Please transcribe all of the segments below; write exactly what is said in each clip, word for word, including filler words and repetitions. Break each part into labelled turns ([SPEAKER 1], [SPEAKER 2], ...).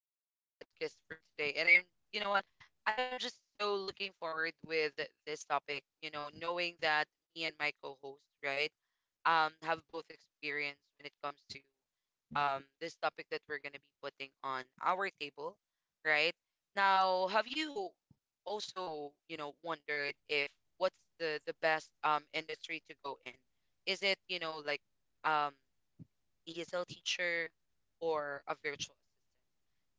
[SPEAKER 1] back to our podcast for today. And I'm, you know what, I am just so looking forward with this topic. You know, knowing that me and my co-host, right, um, have both experience when it comes to um this topic that we're gonna be putting on our table, right? Now, have you also, you know, wondered if what's the the best um industry to go in? Is it, you know, like um E S L teacher? Or a virtual,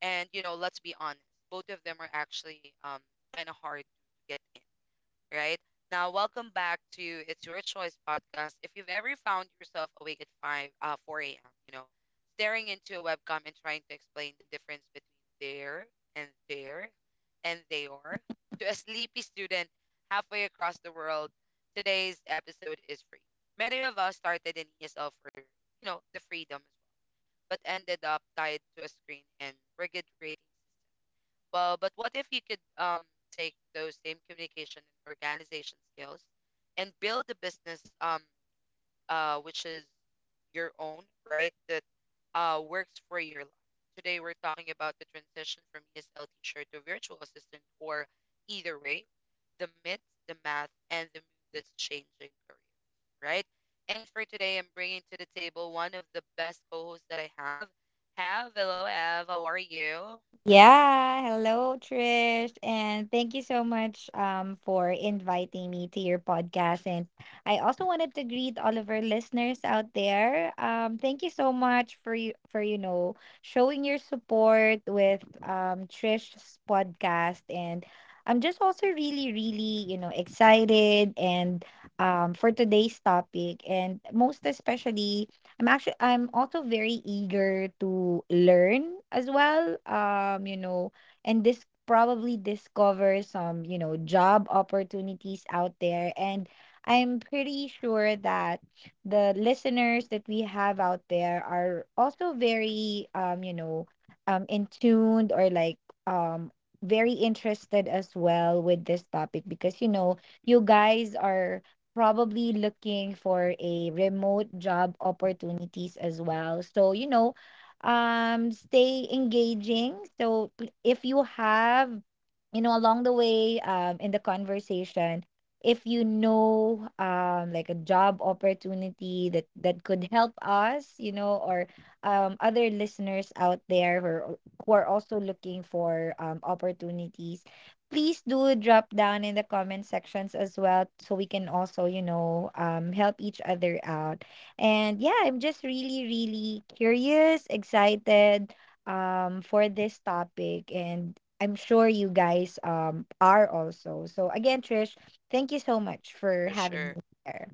[SPEAKER 1] and you know, let's be honest, both of them are actually um kind of hard to get in, right? Now, welcome back to It's Your Choice podcast. If you've ever found yourself awake at five uh four a m, you know, staring into a webcam and trying to explain the difference between there and there and they are to a sleepy student halfway across the world, today's episode is free. Many of us started in E S L for, you know, the freedom as well, but ended up tied to a screen and rigid ratings. Well, but what if you could um take those same communication and organization skills and build a business, um uh which is your own, right? That uh works for your life. Today we're talking about the transition from E S L teacher to virtual assistant or, either way, the myth, the math, and the move that's changing career, right? And for today, I'm bringing to the table one of the best co-hosts that I have. Have, hello, Ev. How are you?
[SPEAKER 2] Yeah, hello Trish, and thank you so much um for inviting me to your podcast. And I also
[SPEAKER 1] Mhm,
[SPEAKER 2] wanted to greet all of our listeners out there. Um, thank you so much for you for you know showing your support with um Trish's podcast. And I'm just also really really you know excited, and um for today's topic, and most especially I'm actually I'm also very eager to learn as well. Um, you know, and this probably discover some, you know, job opportunities out there. And I'm pretty sure that the listeners that we have out there are also very, um, you know, um in tuned, or like, um very interested as well, with this topic, because you know you guys are probably looking for a remote job opportunities as well. So, you know, um stay engaging. So pl- if you have, you know, along the way, um in the conversation, if you know, um like a job opportunity that that could help us, you know, or um other listeners out there who are, who are also looking for um opportunities, please do drop down in the comment sections as well, so we can also, you know um help each other out. And yeah, I'm just really really curious, excited, um for this topic, and I'm sure you guys, um are also. So again, Trish, thank you so much for
[SPEAKER 1] For
[SPEAKER 2] having
[SPEAKER 1] sure.
[SPEAKER 2] me here.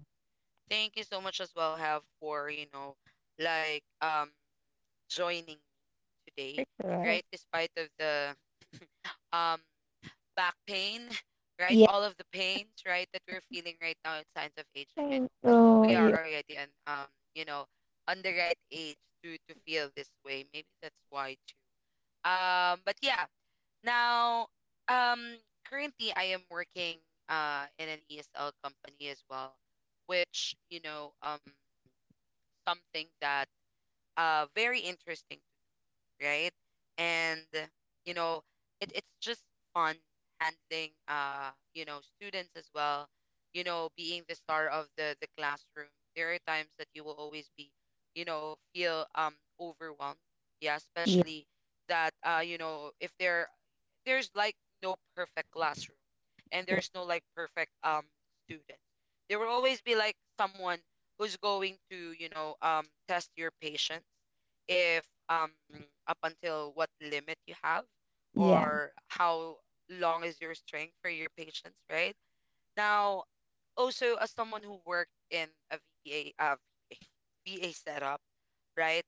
[SPEAKER 1] Thank you so much as well, Have, for, you know, like um joining me today,
[SPEAKER 2] Sure.
[SPEAKER 1] right? Despite of the um back pain, right?
[SPEAKER 2] Yeah,
[SPEAKER 1] All of the pains, right, that we're feeling right now at signs of aging. I
[SPEAKER 2] thank
[SPEAKER 1] know we are
[SPEAKER 2] you.
[SPEAKER 1] already, and um, you know, on the right age to to feel this way. Maybe that's why too. Um, but yeah, now, um currently I am working uh in an E S L company as well, which, you know, um something that uh very interesting, right? And you know, it, it's just fun handling, uh, you know, students as well, you know, being the star of the the classroom. There are times that you will always be, you know, feel um overwhelmed. Yeah,
[SPEAKER 2] Yeah,
[SPEAKER 1] especially that, uh, you know, if there there's like no perfect classroom and
[SPEAKER 2] yeah,
[SPEAKER 1] there's no like perfect um student. There will always be like someone who's going to, you know, um test your patience, if um up until what limit you have,
[SPEAKER 2] yeah.
[SPEAKER 1] or how long is your string for your patience, right? Now, also as someone who worked in a V A, uh, V A setup, right?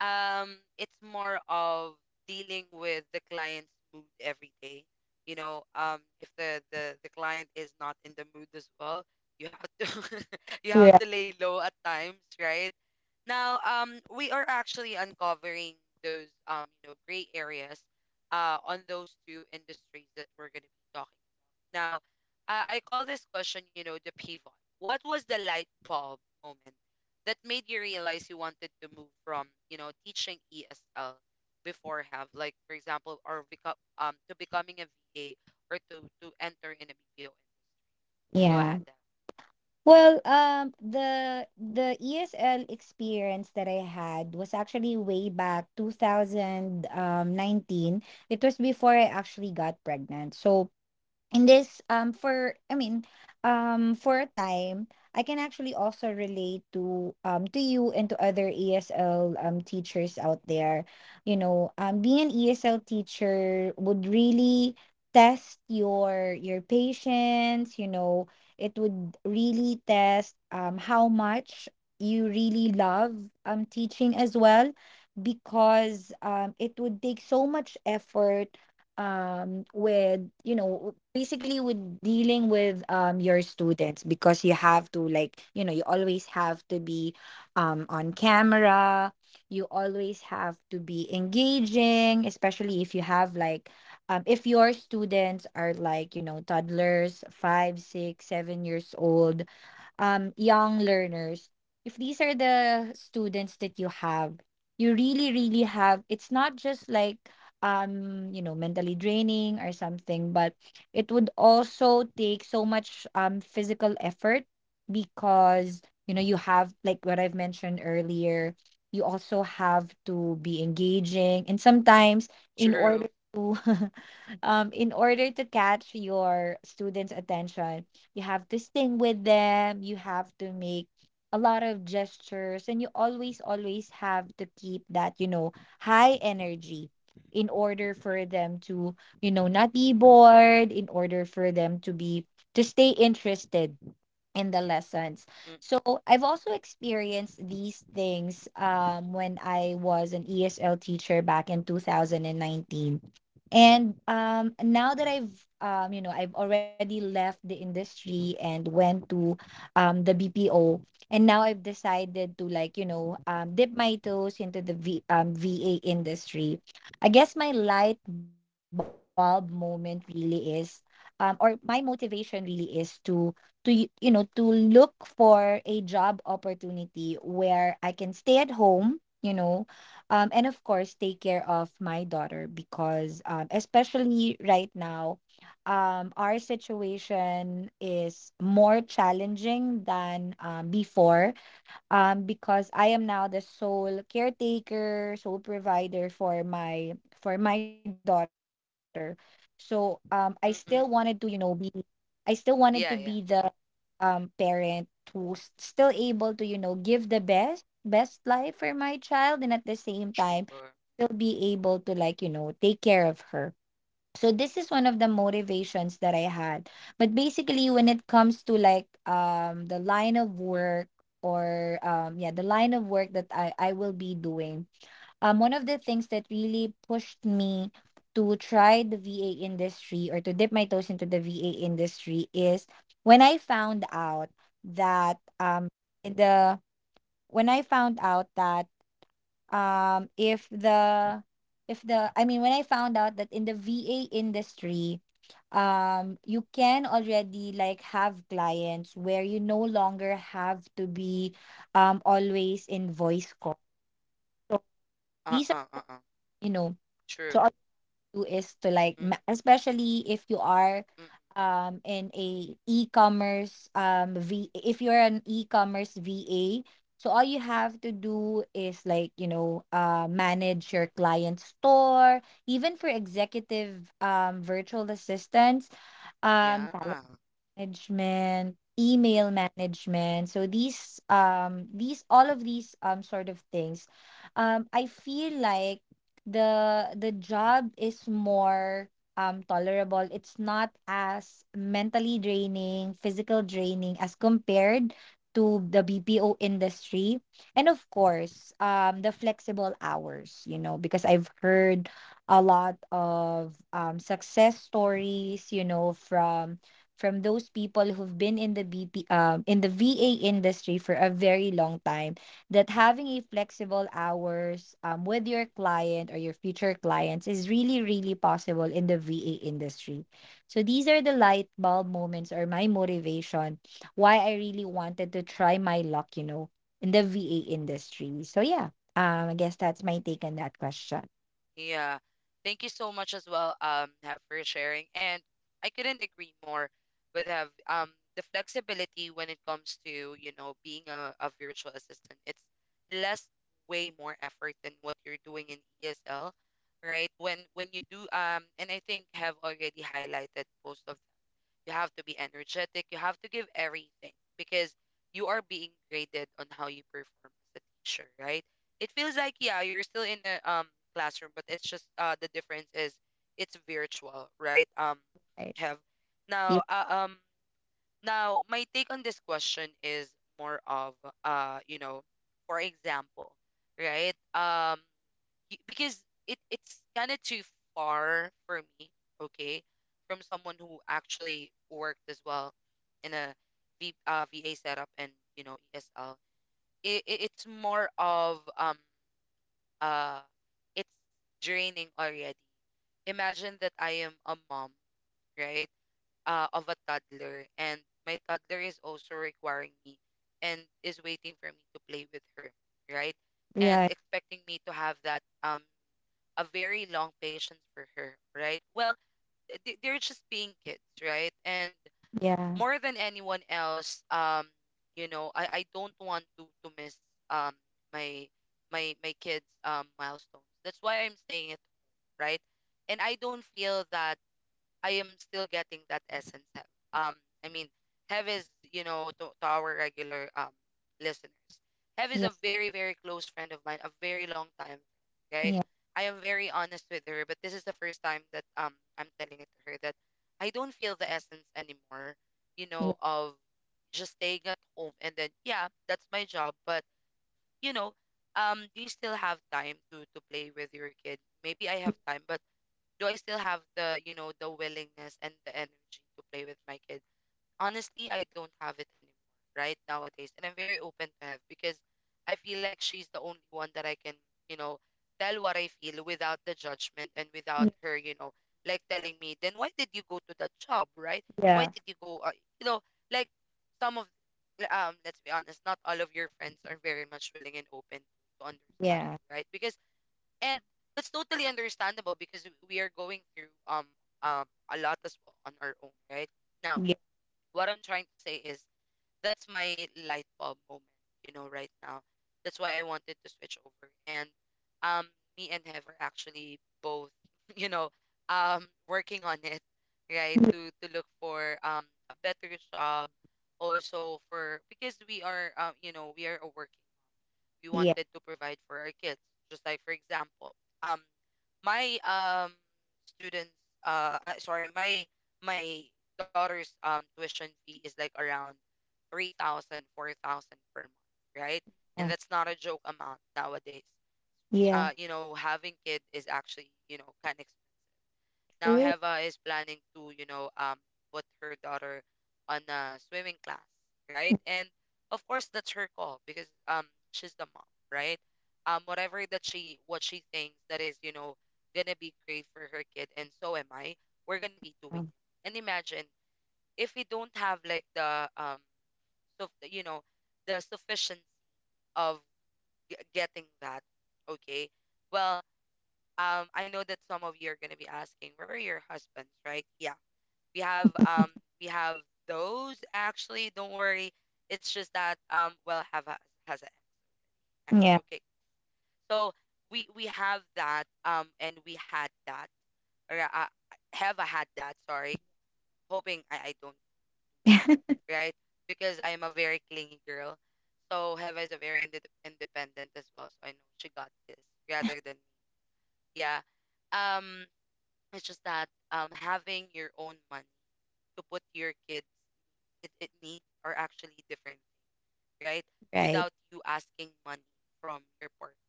[SPEAKER 1] Um, it's more of dealing with the client's mood every day. You know, um, if the the the client is not in the mood as well, you have to you have
[SPEAKER 2] Right.
[SPEAKER 1] to lay low at times, right? Now, um, we are actually uncovering those, um, you know, gray areas uh on those two industries that we're going to be talking now. uh, I call this question, you know, the pivot. What was the light bulb moment that made you realize you wanted to move from, you know, teaching E S L before, Have, like, for example, or become, um to becoming a V A, or to to enter in a B P O? Go
[SPEAKER 2] Yeah.
[SPEAKER 1] ahead, Deb.
[SPEAKER 2] Well, um, the the E S L experience that I had was actually way back two thousand nineteen. It was before I actually got pregnant. So in this, um for, I mean, um for a time, I can actually also relate to, um to you and to other ESL, um teachers out there. You know um being an ESL teacher would really test your your patience you know It would really test, um how much you really love, um teaching as well. Because, um it would take so much effort, um with, you know basically with dealing with, um your students. Because you have to, like, you know you always have to be, um on camera. You always have to be engaging, especially if you have, like, um if your students are, like, you know toddlers, five, six, seven years old, um young learners. If these are the students that you have, you really really have it's not just like, um you know mentally draining or something. But it would also take so much, um physical effort, because, you know you have, like, what I've mentioned earlier. You also have to be engaging, and sometimes, in order
[SPEAKER 1] True.
[SPEAKER 2] to um in order to catch your students' attention. You have to sing with them, you have to make a lot of gestures, and you always always have to keep that, you know high energy, in order
[SPEAKER 1] Mm-mm.
[SPEAKER 2] for them to, you know not be bored, in order for them to be to stay interested in the lessons.
[SPEAKER 1] Mm-mm.
[SPEAKER 2] So I've also experienced these things, um, when I was an E S L teacher back in two thousand nineteen. And, um, now that I've, um, you know, I've already left the industry and went to, um, the B P O, and now I've decided to, like, you know, um, dip my toes into the v, um, V A industry. I guess my light bulb moment really is, um, or my motivation really is to to y- you know to look for a job opportunity where I can stay at home, you know, um, and of course take care of my daughter. Because, um, especially right now, um, our situation is more challenging than, um, before, um, because I am now the sole caretaker, sole provider for my for my daughter. So, um, I still wanted to you know
[SPEAKER 1] Mm-mm.
[SPEAKER 2] be I still wanted to be
[SPEAKER 1] Yeah, yeah.
[SPEAKER 2] the, um parent who's still able to, you know give the best best life for my child, and at the same time
[SPEAKER 1] Sure.
[SPEAKER 2] still be able to, like, you know take care of her, so this is one of the motivations that I had. But basically, when it comes to, like, um the line of
[SPEAKER 1] Mm-mm.
[SPEAKER 2] work, or, um yeah, the line of work that i i will be doing, um, one of the things that really pushed me to try the V A industry, or to dip my toes into the V A industry, is when I found out that um the when I found out that um if the if the I mean, when I found out that in the V A industry, um you can already, like, have clients where you no longer have to be, um always in voice call. So these are,
[SPEAKER 1] Uh-uh. Uh-uh.
[SPEAKER 2] you know
[SPEAKER 1] True.
[SPEAKER 2] so do is to, like,
[SPEAKER 1] Mm-mm.
[SPEAKER 2] ma- especially if you are,
[SPEAKER 1] Mm-mm.
[SPEAKER 2] um in a e-commerce, um v if you're an e-commerce VA, so all you have to do is, like, you know uh manage your client store. Even for executive, um virtual assistants, um
[SPEAKER 1] Yeah.
[SPEAKER 2] management, email management. So these um these all of these, um sort of things, um I feel like the the job is more, um tolerable. It's not as mentally draining, physical draining as compared to the B P O industry. And of course, um the flexible hours, you know, because I've heard a lot of, um success stories, you know, from from those people who've been in the B P um in the V A industry for a very long time, that having a flexible hours, um with your client or your future clients is really really possible in the V A industry. So these are the light bulb moments or my motivation why I really wanted to try my luck, you know, in the V A industry. So yeah, um I guess that's my take on that question.
[SPEAKER 1] Yeah. Thank you so much as well, um, Have, for sharing. And I couldn't agree more with Have. Um, the flexibility when it comes to, you know, being a, a virtual assistant, it's less, way more effort than what you're doing in E S L, right? When when you do, um and I think Have already highlighted most of, you have to be energetic. You have to give everything because you are being graded on how you perform as a teacher, right? It feels like, yeah, you're still in a um classroom, but it's just, uh the difference is it's virtual, right? Um,
[SPEAKER 2] Right.
[SPEAKER 1] have,
[SPEAKER 2] Yeah.
[SPEAKER 1] now uh, um now my take on this question is more of, uh you know, for example, right? Um y- because it, it's kind of too far for me. Okay, from someone who actually worked as well in a v, uh, V A setup and, you know, E S L. It, it, it's more of, um, uh, it's draining already. Imagine that I am a mom, right, uh, of a toddler, and my toddler is also requiring me and is waiting for me to play with her, right? And
[SPEAKER 2] Right.
[SPEAKER 1] expecting me to have that um a very long patience for her, right? Well, th- th- they're just being kids, right? And
[SPEAKER 2] Yeah.
[SPEAKER 1] more than anyone else, um, you know, I, I don't want to to miss um my my my kids' um milestones. That's why I'm staying at home, right? And I don't feel that I am still getting that essence. Hev. Um, I mean, Hev is, you know, to, to our regular um listeners, Hev is
[SPEAKER 2] Yeah.
[SPEAKER 1] a very, very close friend of mine, a very long time friend, right?
[SPEAKER 2] Yeah.
[SPEAKER 1] I am very honest with her, but this is the first time that um I'm telling it to her that I don't feel the essence anymore, you
[SPEAKER 2] Yeah.
[SPEAKER 1] know, of just staying at home, and then, yeah, that's my job. But you know, um, do you still have time to to play with your kid? Maybe I have time, but do I still have, the, you know, the willingness and the energy to play with my kid? Honestly, I don't have it anymore right nowadays. And I'm very open to Have, because I feel like she's the only one that I can, you know, tell what I feel without the judgment, and without her, you know, like telling me, then why did you go to that job, right? Why
[SPEAKER 2] Yeah.
[SPEAKER 1] did you go, uh, you know, like, some of, um, let's be honest, not all of your friends are very much willing and open to understand
[SPEAKER 2] Yeah.
[SPEAKER 1] you, right? Because and that's totally understandable, because we are going through um um a lot as well on our own, right? Now,
[SPEAKER 2] Yeah.
[SPEAKER 1] what I'm trying to say is, that's my light bulb moment, you know, right now. That's why I wanted to switch over. And um me and Hev are actually both, you know, um working on it, right? To to look for um a better job. Also for, because we are, um you know, we are a working. We
[SPEAKER 2] Yeah.
[SPEAKER 1] wanted to provide for our kids. Just, like, for example, um my um students, uh, uh sorry, my my daughter's um tuition fee is like around three thousand four thousand per month, right? And that's not a joke amount nowadays.
[SPEAKER 2] Yeah.
[SPEAKER 1] Uh you know having kid is actually, you know kind of expensive. Now,
[SPEAKER 2] True.
[SPEAKER 1] Heva is planning to, you know, um put her daughter on a swimming class, right? And of course that's her call, because um she's the mom, right? Um whatever, that she what she thinks that is, you know, gonna be great for her kid, and so am I, we're gonna be doing
[SPEAKER 2] Yeah.
[SPEAKER 1] it. And imagine if we don't have like the um so you know the sufficiency of g- getting that. Okay, well, um, I know that some of you are going to be asking, where are your husbands, right? Yeah. We have um we have those actually. Don't worry. It's just that, um well, Have has, has an X.
[SPEAKER 2] Yeah.
[SPEAKER 1] Okay. So we we have that, um and we had that. Or, uh, uh, Have I had that, sorry. Hoping I, I don't do that, right? Because I am a very clingy girl. So Heva is a very inde independent as well. So I know she got this rather than me. Yeah. Um, it's just that, um having your own money to put your kids, it, it needs are actually different, right?
[SPEAKER 2] Right.
[SPEAKER 1] Without you asking money from your partner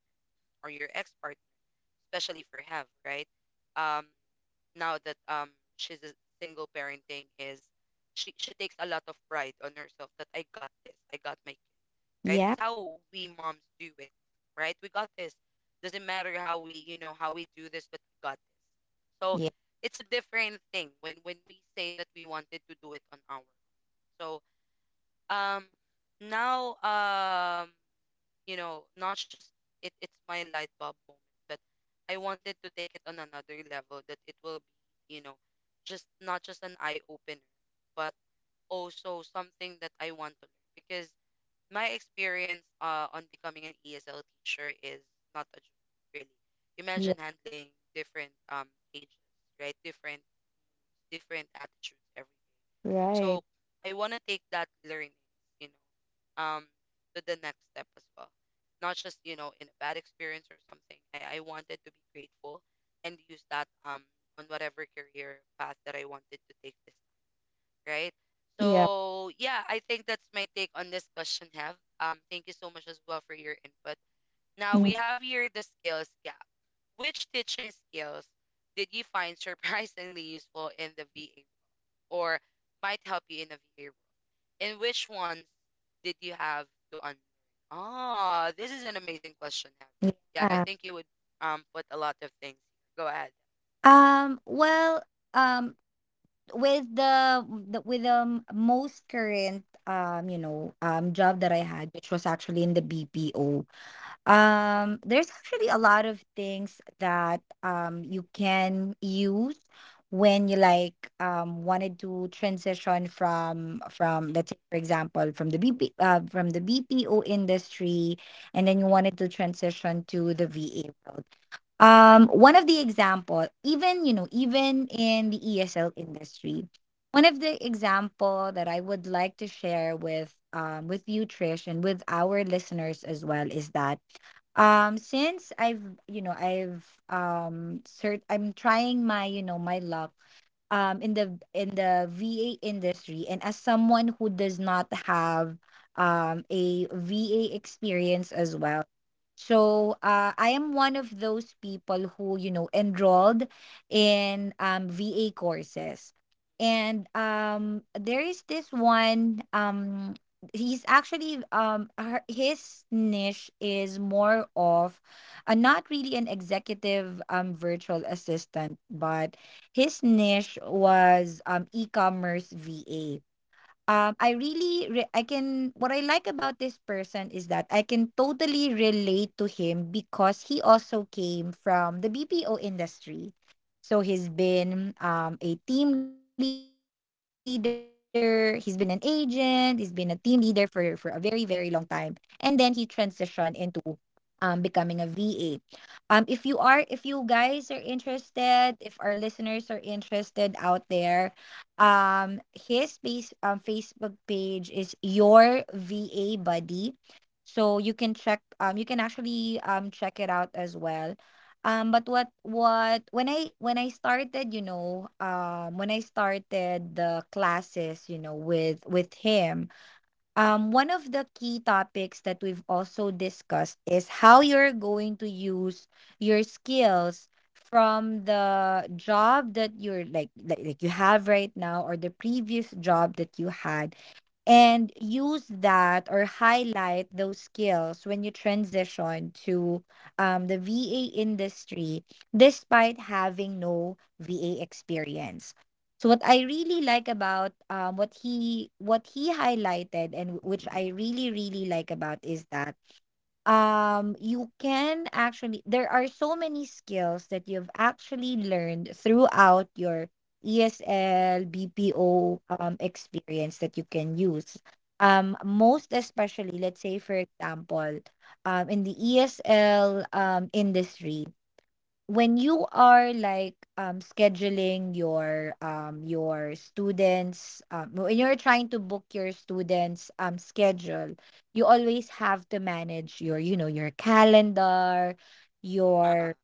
[SPEAKER 1] or your ex partner, especially if you have, right? Um, Now that, um she's a single parenting is, she she takes a lot of pride on herself that I got this, I got my kid, right?
[SPEAKER 2] Yeah.
[SPEAKER 1] That's how we moms do it, right? We got this. Doesn't matter how we, you know, how we do this, but we got this. So
[SPEAKER 2] Yeah.
[SPEAKER 1] it's a different thing when when we say that we wanted to do it on our own. So um now, um you know not just it it's my light bulb moment, but I wanted to take it on another level, that it will be, you know just, not just an eye opener, but also something that I want to learn, because my experience uh on becoming an ESL teacher is not a joke. Really,
[SPEAKER 2] Yeah.
[SPEAKER 1] imagine handling different um ages, right? Different, different attitudes, everything.
[SPEAKER 2] Right.
[SPEAKER 1] So I want to take that learning, you know, um, to the next step as well. Not just, you know, in a bad experience or something. I, I wanted to be grateful and use that um on whatever career path that I wanted to take this time, right?
[SPEAKER 2] Yeah.
[SPEAKER 1] So yeah, I think that's my take on this question, Have. Um, thank you so much as well for your input. Now we
[SPEAKER 2] Mm.
[SPEAKER 1] have here the skills gap. Which teaching skills did you find surprisingly useful in the V A or might help you in a V A, and which ones did you have to unlearn? Ah, this is an amazing question, Have. Yeah, I
[SPEAKER 2] Yeah.
[SPEAKER 1] think you would um put a lot of things here. Go ahead.
[SPEAKER 2] Um, well, um, with the, the with the most current, um, you know, um job that I had, which was actually in the B P O. Um, there's actually a lot of things that, um you can use when you, like, um wanted to transition from from let's say for example from the B P uh, from the B P O industry, and then you
[SPEAKER 1] Mm, mm.
[SPEAKER 2] wanted to transition to the V A world. Um, one of the example, even you know, even in the E S L industry, one of the example that I would like to share with, um with you, Trish, and with our listeners as well, is that, um, since I've, you know, I've um cert I'm trying my, you know, my luck, um in the in the V A industry, and as someone who does not have, um a V A experience as well. So, uh, I am one of those people who, you know, enrolled in, um, V A courses. And, um, there is this one, um, he's actually, um, her, his niche is more of, uh, not really an executive, um, virtual assistant, but his niche was, um, e commerce V A. um, I really, re- I can, what I like about this person is that I can totally relate to him because he also came from the B P O industry. So he's been, um, a team leader, he's been an agent, he's been a team leader for, for a very, very long time. And then he transitioned into, um becoming a V A. Um if you are if you guys are interested, if our listeners are interested out there, um his base, um Facebook page is your V A buddy. So you can check um you can actually, um check it out as well. Um but what what when I when I started, you know, um when I started the classes, you know, with with him. Um, one of the key topics that we've also discussed is how you're going to use your skills from the job that you're, like, like like you have right now, or the previous job that you had, and use that, or highlight those skills when you transition to, um, the V A industry, despite having no V A experience. So what I really like about um, what he what he highlighted and which I really really like about is that um you can actually there are so many skills that you've actually learned throughout your E S L B P O um experience that you can use um most especially let's say for example um in the E S L um industry when you are like um scheduling your um your students um when you're trying to book your students um schedule you always have to manage your you know your calendar
[SPEAKER 1] Uh-uh.
[SPEAKER 2] your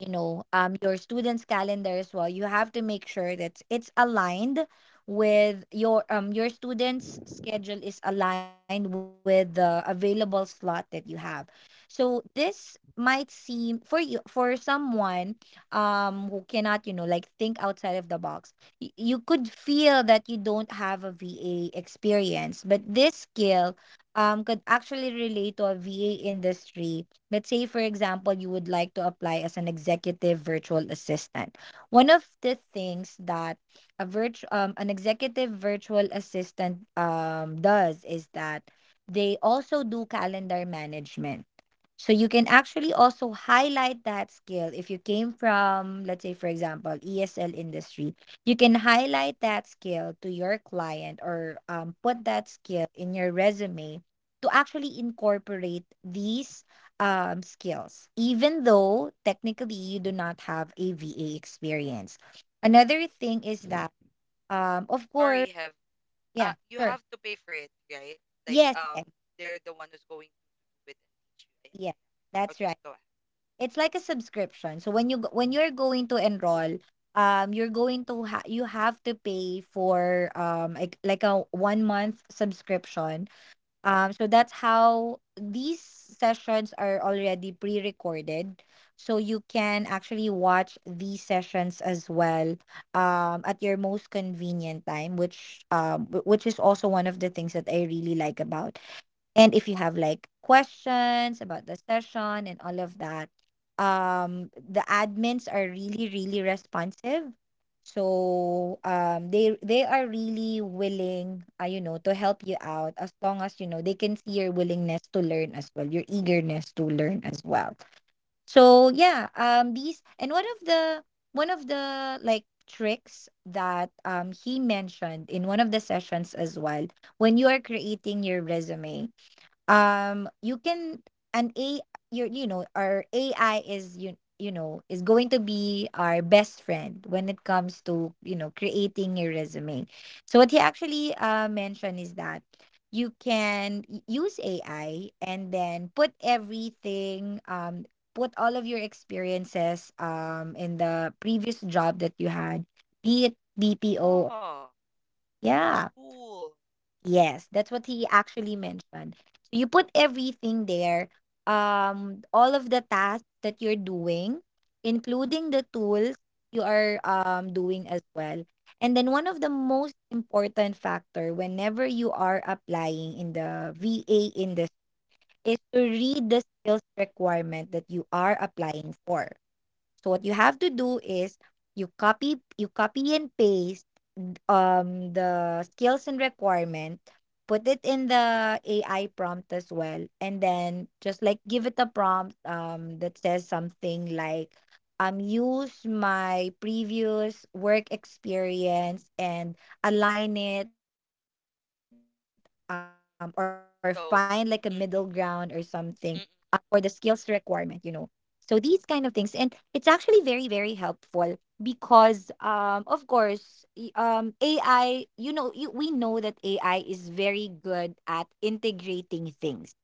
[SPEAKER 2] you know um your students calendar as well. You have to make sure that it's aligned with your um your students schedule, is aligned with the available slot that you have. So this might seem for you, for someone um who cannot, you know like, think outside of the box, y- you could feel that you don't have a VA experience, but this skill um could actually relate to a VA industry. Let's say, for example, you would like to apply as an executive virtual assistant. One of the things that a virtu- um, an executive virtual assistant um, does is that they also do calendar management. So you can actually also highlight that skill. If you came from, let's say, for example, E S L industry, you can highlight that skill to your client or um, put that skill in your resume to actually incorporate these um skills, even though technically you do not have A V A experience. Another thing is that um of course,
[SPEAKER 1] Sorry, Have. Uh,
[SPEAKER 2] yeah,
[SPEAKER 1] you
[SPEAKER 2] sure,
[SPEAKER 1] have to pay for it, right? Like
[SPEAKER 2] yes
[SPEAKER 1] um,
[SPEAKER 2] yes
[SPEAKER 1] they're the one who's going to do it and teach you. Yeah,
[SPEAKER 2] yes,
[SPEAKER 1] yeah, yeah.
[SPEAKER 2] that's
[SPEAKER 1] Okay,
[SPEAKER 2] right.
[SPEAKER 1] go ahead.
[SPEAKER 2] It's like a subscription. So when you go- when you're going to
[SPEAKER 1] Cool.
[SPEAKER 2] enroll, um you're going to ha- you have to pay for um like, like a one month subscription. Um, so that's how these sessions are already pre-recorded. So you can actually watch these sessions as well um, at your most convenient time, which um, wh- which is also one of the things that I really like about. And if you have like questions about the session and all of that, um the admins are really really responsive. So um they they are really willing, uh, you know, to help you out, as long as, you know, they can see your willingness to learn as well, your eagerness to learn as well. So yeah, um these, and one of the one of the like tricks that um he mentioned in one of the sessions as well: when you are creating your resume, um you can an a your you know our AI is you you know is going to be our best friend when it comes to, you know, creating your resume. So what he actually uh mentioned is that you can y- use AI and then put everything, um put all of your experiences um in the previous job that you had, be it BPO.
[SPEAKER 1] Oh, that's
[SPEAKER 2] Yeah.
[SPEAKER 1] cool.
[SPEAKER 2] Yes, that's what he actually mentioned. So you put everything there, um, all of the tasks that you're doing, including the tools you are um, doing as well. And then one of the most important factor whenever you are applying in the V A industry is to read the skills requirement that you are applying for. So what you have to do is you copy you copy and paste um the skills and requirement, put it in the AI prompt as well, and then just like give it a prompt um that says something like um use my previous work experience and align it, um or find like a middle ground or something,
[SPEAKER 1] So,
[SPEAKER 2] uh, for the
[SPEAKER 1] mm-mm,
[SPEAKER 2] skills requirement, you
[SPEAKER 1] mm-mm,
[SPEAKER 2] know. So these kind of things, and it's actually very very helpful because um of course, y- um A I, you know, you we know that A I is very good at integrating things.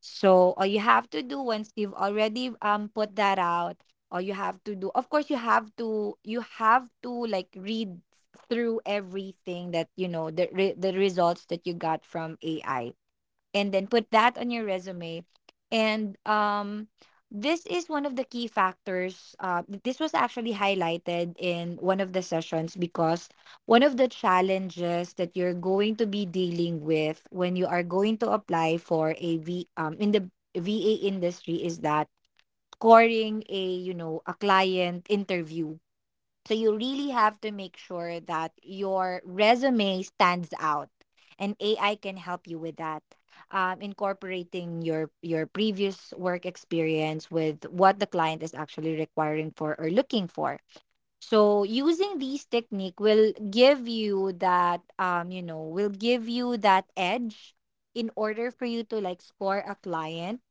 [SPEAKER 2] So all you have to do once you've already um put that out, all you have to do, of course, you have to, you have to like, read through everything that, you know, the re- the results that you got from A I, and then put that on your resume. And um, This is one of the key factors. Uh, th- this was actually highlighted in one of the sessions, because one of the challenges that you're going to be dealing with when you are going to apply for a V um, in the V A industry is that scoring a, you know, a client interview. So you really have to make sure that your resume stands out, and A I can help you with that. Um, incorporating your your previous work experience with what the client is actually requiring for or looking for, so using these technique will give you that, um you know will give you that edge in order for you to like score a client.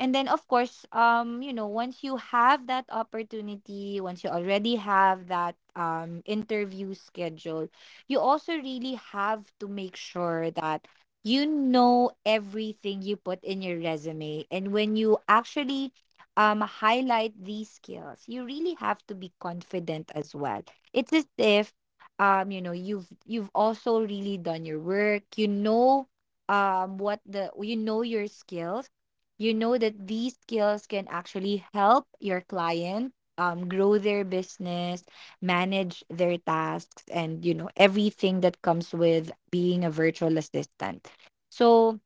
[SPEAKER 2] And then, of course, um you know, once you have that opportunity, once you already have that um interview schedule, you also really have to make sure that you know everything you put in your resume, and when you actually um, highlight these skills, you really have to be confident as well. It's as if, um, you know, you've you've also really done your work. You know um, what the, you know, your skills. You know that these skills can actually help your client um, grow their business, manage their tasks, and, you know, everything that comes with being a virtual assistant. So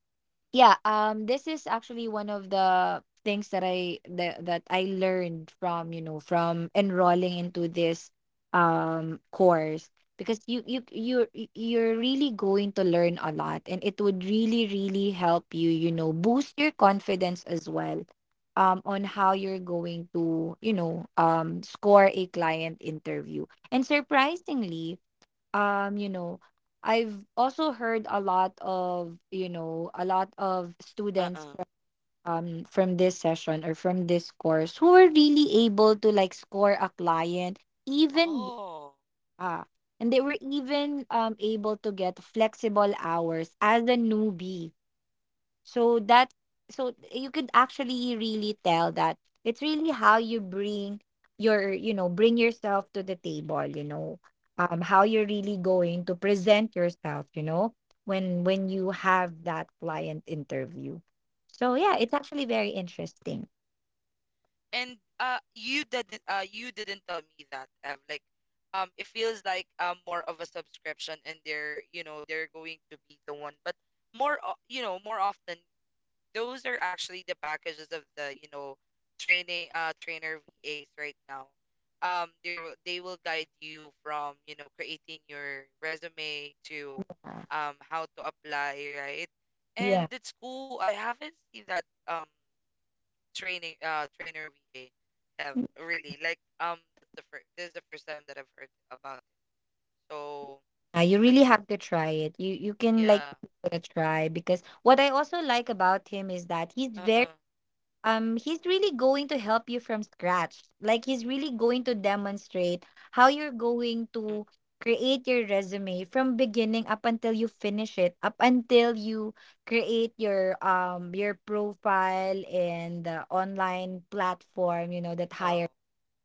[SPEAKER 2] yeah, um, this is actually one of the things that I that, that I learned from, you know, from enrolling into this um course, because you you you you're you're really going to learn a lot, and it would really really help you, you know, boost your confidence as well um on how you're going to, you know, um score a client interview. And surprisingly, um you know, I've also heard a lot of, you know, a lot of students
[SPEAKER 1] uh-uh.
[SPEAKER 2] from, um from this session or from this course, who were really able to like score a client even.
[SPEAKER 1] Oh,
[SPEAKER 2] Yeah. And they were even um able to get flexible hours as a newbie, so that so you could actually really tell that it's really how you bring your, you know, bring yourself to the table, you know, um how you're really going to present yourself, you know, when when you have that client interview. So yeah,
[SPEAKER 1] true.
[SPEAKER 2] it's actually very interesting.
[SPEAKER 1] And uh you didn't uh you didn't tell me that Ev. Like um it feels like um more of a subscription, and they're, you know, they're going to be the one, but more o- you know, more often those are actually the packages of the, you know, training uh trainer V As right now. Um they will, they will guide you from, you know, creating your resume to um how to apply, right? And
[SPEAKER 2] Yeah.
[SPEAKER 1] it's cool, I haven't seen that um training uh trainer V A have really like um that's the first, this is the first time that I've heard about it. So
[SPEAKER 2] Yeah, you
[SPEAKER 1] that's
[SPEAKER 2] really have to try it. You you can, like,
[SPEAKER 1] yeah.
[SPEAKER 2] give it a try, because what I also like about him is that he's very
[SPEAKER 1] Uh-uh.
[SPEAKER 2] um he's really going to help you from scratch. Like, he's really going to demonstrate how you're going
[SPEAKER 1] Mm.
[SPEAKER 2] to create your resume from beginning up until you finish it, up until you create your um your profile and the online platform, you know, that
[SPEAKER 1] Oh.
[SPEAKER 2] hire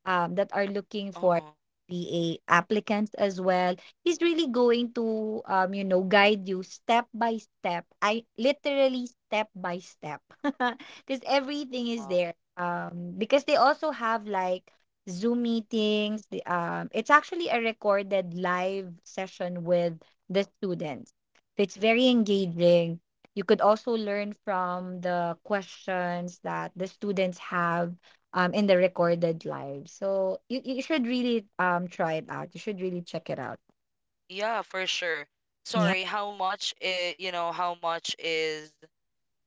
[SPEAKER 2] um, that are looking for
[SPEAKER 1] Uh-uh.
[SPEAKER 2] B A applicants as well. He's really going to, um, you know, guide you step by step. I literally step by step because everything is
[SPEAKER 1] Wow.
[SPEAKER 2] there. Um, because they also have like Zoom meetings. The, um, it's actually a recorded live session with the students. It's very engaging. You could also learn from the questions that the students have um in the recorded live. So you, you should really um try it out. You should really check it out.
[SPEAKER 1] Yeah, for sure.
[SPEAKER 2] Yeah,
[SPEAKER 1] Sorry, how much is, you know, how much is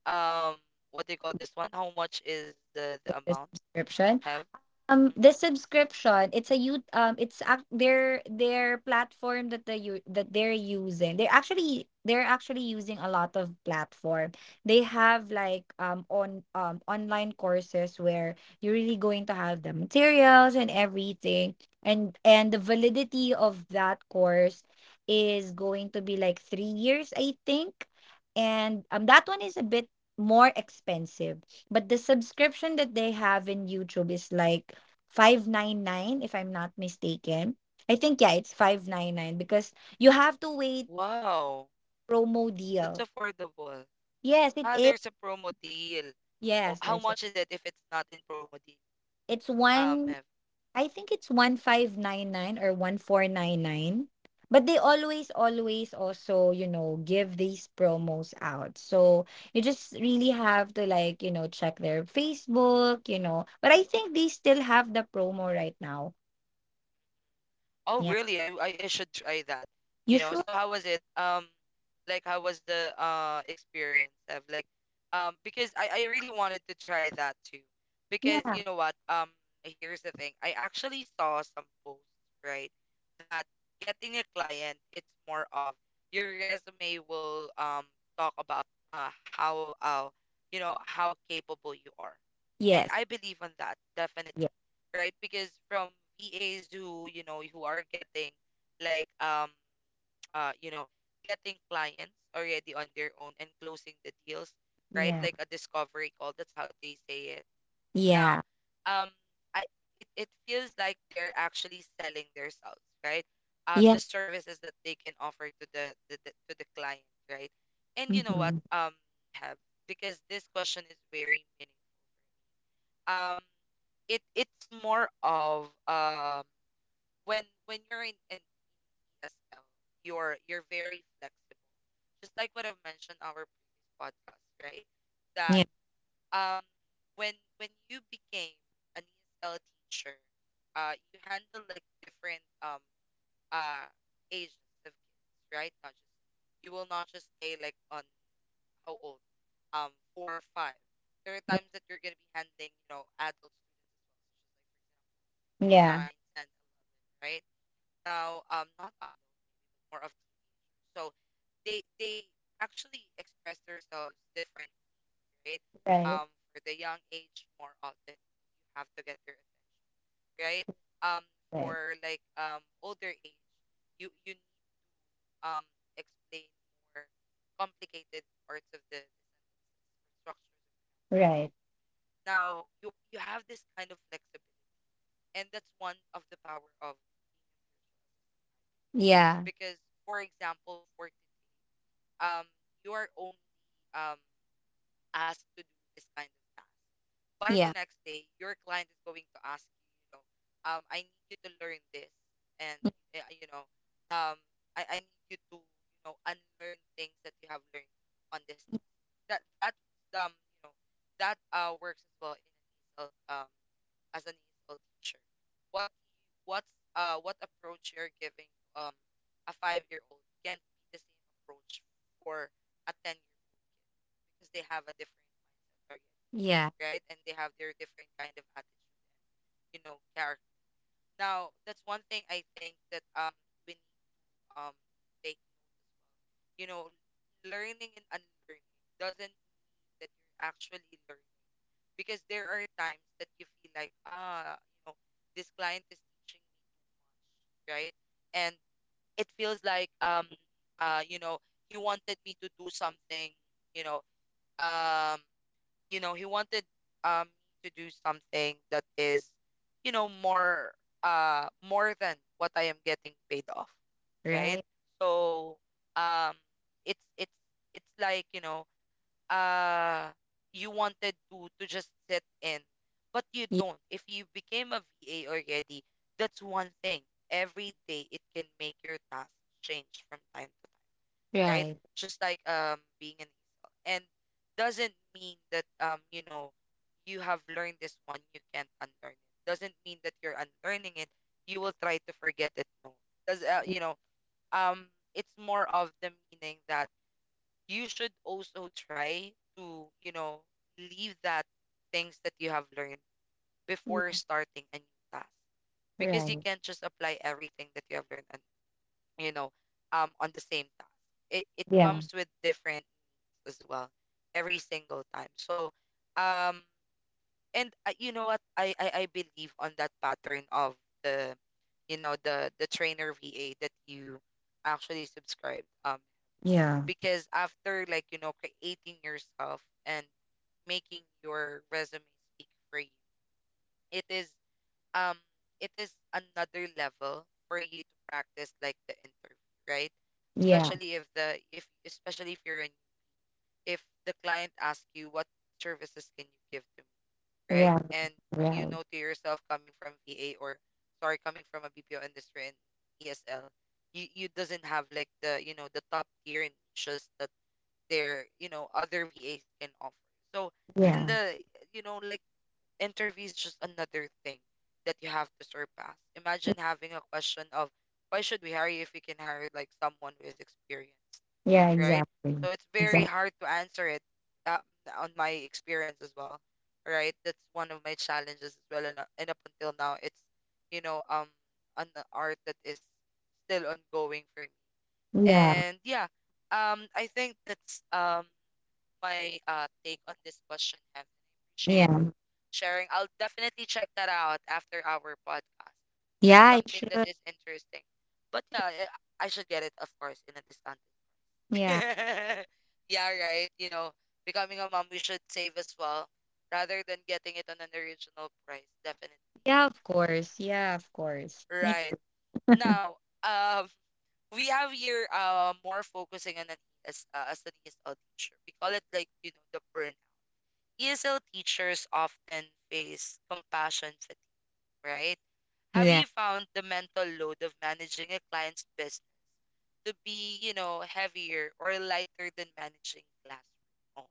[SPEAKER 1] um what do you call this one? How much is the the
[SPEAKER 2] the
[SPEAKER 1] amount,
[SPEAKER 2] subscription.
[SPEAKER 1] have?
[SPEAKER 2] Um,
[SPEAKER 1] Mm.
[SPEAKER 2] the subscription, it's a you um it's ac- their their platform that the u- that they're using. They're actually, they're actually using a lot of platform. They have like um on um online courses where you're really going to have the materials and everything. And and the validity of that course is going to be like three years, I think. And um that one is a bit more expensive. But the subscription that they have in YouTube is like five ninety-nine, if I'm not mistaken. I think, yeah, it's five ninety-nine, because you have to wait
[SPEAKER 1] Wow.
[SPEAKER 2] promo
[SPEAKER 1] That's
[SPEAKER 2] deal.
[SPEAKER 1] affordable.
[SPEAKER 2] Yes, it
[SPEAKER 1] Ah,
[SPEAKER 2] is.
[SPEAKER 1] there's a promo deal. Oh,
[SPEAKER 2] Yes,
[SPEAKER 1] how
[SPEAKER 2] there's a
[SPEAKER 1] much is it if it's not in promo deal?
[SPEAKER 2] It's
[SPEAKER 1] Um,
[SPEAKER 2] one I think it's fifteen ninety-nine or fourteen ninety-nine. But they always always also, you know, give these promos out. So you just really have to like, you know, check their Facebook, you know. But I think they still have the promo right now.
[SPEAKER 1] Oh,
[SPEAKER 2] Yeah.
[SPEAKER 1] really? I, I I should try that. You
[SPEAKER 2] You
[SPEAKER 1] know,
[SPEAKER 2] sure?
[SPEAKER 1] so how was it? Um, like how was the uh experience of like um because I I really wanted to try that too. Because
[SPEAKER 2] Yeah.
[SPEAKER 1] you know what? Um, here's the thing. I actually saw some posts, right, that getting a client, it's more of your resume will um talk about uh how uh you know, how capable you are. And
[SPEAKER 2] Yes.
[SPEAKER 1] I believe on that, definitely,
[SPEAKER 2] Yeah.
[SPEAKER 1] right? Because from V As who, you know, who are getting like um uh you know, getting clients already on their own and closing the deals, right?
[SPEAKER 2] Yeah.
[SPEAKER 1] Like a discovery call, that's how they say it. Now,
[SPEAKER 2] Yeah.
[SPEAKER 1] um I it it feels like they're actually selling themselves, right? Um the
[SPEAKER 2] Yeah.
[SPEAKER 1] services that they can offer to the, the, the to the client, right? And you know what?
[SPEAKER 2] Hmm.
[SPEAKER 1] Um have, because this question is very meaningful. Um it it's more of um when when you're in an E S L, you're you're very flexible. Just like what I've mentioned our previous podcast, right? That
[SPEAKER 2] Yeah.
[SPEAKER 1] um when when you became an E S L teacher, uh you handle like different um uh ages of kids, right? Not just, you will not just stay like on how old, um, four or five. There are times that you're gonna be handling, you know, adults, to adults, just like for example
[SPEAKER 2] Yeah.
[SPEAKER 1] nine, ten, right? Now, um, not adult, more of. So they they actually express themselves different, right?
[SPEAKER 2] Right.
[SPEAKER 1] Um, for the young age, more often you have to get their attention, right? Um,
[SPEAKER 2] Right.
[SPEAKER 1] for like um older age, you you need um explain more complicated parts of the, the sentences or structures of grammars,
[SPEAKER 2] Right.
[SPEAKER 1] right? Now you you have this kind of flexibility, and that's one of the power of being a virtual assistant.
[SPEAKER 2] Yeah.
[SPEAKER 1] Because for example, for today, um, you are only um asked to do this kind of task. By the
[SPEAKER 2] Yeah.
[SPEAKER 1] next day, your client is going to ask you, you know, um, I need you to learn this, and
[SPEAKER 2] Mm.
[SPEAKER 1] uh, you know, um, I, I need you to, you know, unlearn things that you have learned on this task. That that um, you know, that uh works as well in an E S L um as an E S L teacher. What you, what's uh what approach you're giving um a five year old can't be the same approach for a ten year old, because they have a different mindset,
[SPEAKER 2] Yeah.
[SPEAKER 1] right? And they have their different kind of attitude and you know character. Now that's one thing I think that um we need to, um, take, you know, learning and unlearning, doesn't mean that you're actually learning, because there are times that you feel like ah, you know, this client is teaching me, right, and it feels like um uh you know, he wanted me to do something, you know, um, you know, he wanted um to do something that is, you know, more uh more than what I am getting paid off, right?
[SPEAKER 2] Right.
[SPEAKER 1] So, um, it's it's it's like you know, uh, you wanted to to just sit in, but you
[SPEAKER 2] Yeah.
[SPEAKER 1] don't. If you became a va already, that's one thing. Every day it can make your task change from time to time, right?
[SPEAKER 2] Right.
[SPEAKER 1] Just like um being an easel. And doesn't mean that um, you know, you have learned this one, you can't unlearn it. Doesn't mean that you're unlearning it, you will try to forget it. No. Does uh, you know, um, it's more of the meaning that you should also try to, you know, leave that things that you have learned before starting a new task,
[SPEAKER 2] Yeah.
[SPEAKER 1] because you
[SPEAKER 2] Right.
[SPEAKER 1] can't just apply everything that you have learned on, you know, um, on the same task. It it
[SPEAKER 2] Yeah.
[SPEAKER 1] comes with different needs as well every single time. So, um, and I, you know what? I, I I believe on that pattern of the, you know, the the trainer V A that you actually subscribed. Um,
[SPEAKER 2] Yeah.
[SPEAKER 1] because after like you know creating yourself and making your resume speak for you, it is um it is another level for you to practice like the interview, right?
[SPEAKER 2] Yeah.
[SPEAKER 1] Especially if the if especially if you're in, if the client asks you what services can you give to me, right?
[SPEAKER 2] Right.
[SPEAKER 1] And you
[SPEAKER 2] Right.
[SPEAKER 1] know to yourself, coming from va, or sorry, coming from a bpo industry and esl, you you doesn't have like the, you know, the top tier and just that there, you know, other vas can offer. So and
[SPEAKER 2] Yeah.
[SPEAKER 1] the, you know, like interview is just another thing that you have to surpass. Imagine having a question of why should we hire you if we can hire like someone who is experienced,
[SPEAKER 2] Yeah.
[SPEAKER 1] right?
[SPEAKER 2] Exactly.
[SPEAKER 1] So it's very
[SPEAKER 2] Exactly.
[SPEAKER 1] hard to answer it, um, on my experience as well, right? That's one of my challenges as well, and, uh, and up until now, it's you know um an art that is still ongoing for me.
[SPEAKER 2] Yeah.
[SPEAKER 1] And yeah, um I think that's um my uh, take on this question, Heaven. I appreciate
[SPEAKER 2] Yeah.
[SPEAKER 1] you sharing. I'll definitely check that out after our podcast.
[SPEAKER 2] Yeah,
[SPEAKER 1] That's
[SPEAKER 2] I
[SPEAKER 1] something that
[SPEAKER 2] should.
[SPEAKER 1] is interesting. But yeah, eh, I should get it, of course, in a discounted.
[SPEAKER 2] Yeah.
[SPEAKER 1] Yeah, right. You know, becoming a mom, we should save as well rather than getting it on an original price. Definitely.
[SPEAKER 2] Yeah. Of course. Yeah. Of course. Me.
[SPEAKER 1] Right. Now, um, we have here uh more focusing on an as uh, as an E S L teacher. We call it like you know the burn E S L teachers often face compassion fatigue, right? Have
[SPEAKER 2] Yeah.
[SPEAKER 1] you found the mental load of managing a client's business to be, you know, heavier or lighter than managing classroom? Oh,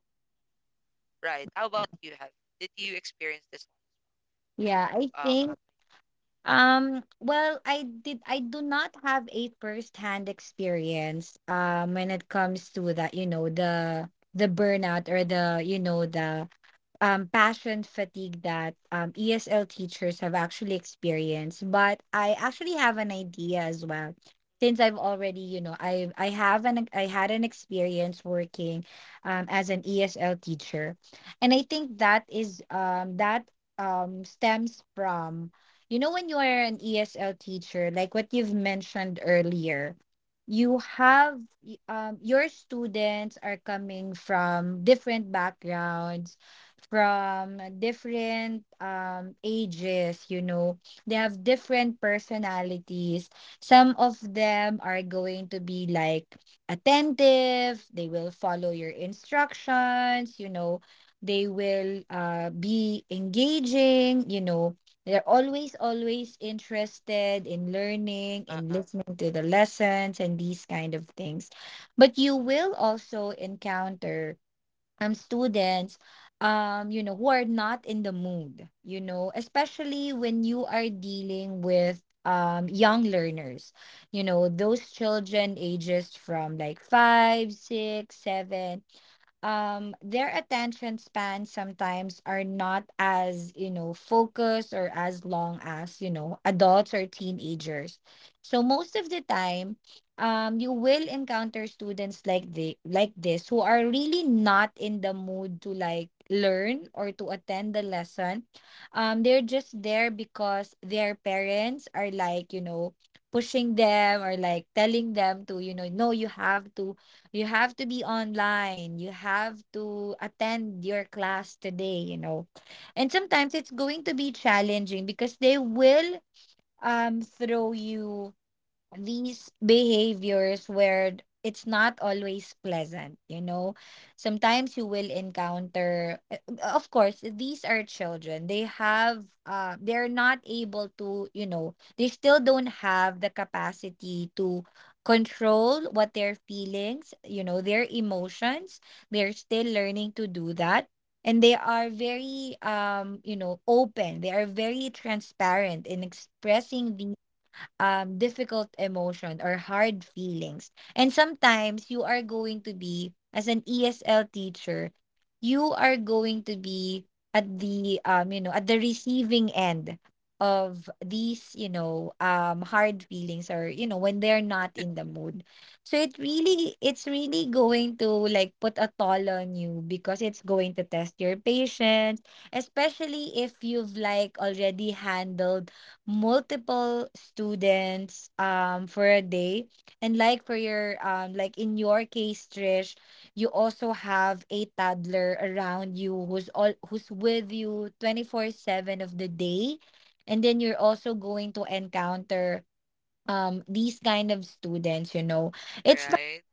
[SPEAKER 1] right. How about you, have? Did you experience this one when
[SPEAKER 2] Yeah, I
[SPEAKER 1] you um,
[SPEAKER 2] think. Um, well, I did I do not have a first-hand experience um when it comes to that, you know, the the burnout, or the, you know, the um, passion fatigue that, um, E S L teachers have actually experienced. But I actually have an idea as well. Since I've already, you know, I I have an I had an experience working um, as an E S L teacher, and I think that is um, that um, stems from, you know, when you are an E S L teacher, like what you've mentioned earlier, you have y- um, your students are coming from different backgrounds, from different um ages, you know. They have different personalities. Some of them are going to be like attentive. They will follow your instructions, you know. They will uh be engaging, you know. They're always always interested in learning, in
[SPEAKER 1] uh-uh,
[SPEAKER 2] listening to the lessons and these kind of things. But you will also encounter um students um you know, who are not in the mood, you know, especially when you are dealing with um young learners, you know, those children ages from like five, six, seven. Um their attention spans sometimes are not as, you know, focused or as long as, you know, adults or teenagers. So most of the time, um, you will encounter students like they like this who are really not in the mood to like learn or to attend the lesson. Um, they're just there because their parents are like, you know, pushing them or like telling them to, you know, no, you have to you have to be online, you have to attend your class today, you know. And sometimes it's going to be challenging because they will um throw you these behaviors where it's not always pleasant, you know. Sometimes you will encounter, uh, uh, of course these are children. They have, uh they're not able to, you know, they still don't have the capacity to control what their feelings, you know, their emotions. They're still learning to do that. And they are very, um, you know, open. They are very transparent in expressing um difficult emotion or hard feelings. And sometimes you are going to be, as an E S L teacher, you are going to be at the, um you know, at the receiving end of these, you know, um hard feelings, or you know, when they're not in the mood. So it really it's really going to like put a toll on you, because it's going to test your patience, especially if you've like already handled multiple students um for a day, and like for your, um like in your case, Trish, you also have a toddler around you who's all who's with you twenty-four seven of the day. And then you're also going to encounter um these kind of students, you know. It's...
[SPEAKER 1] right?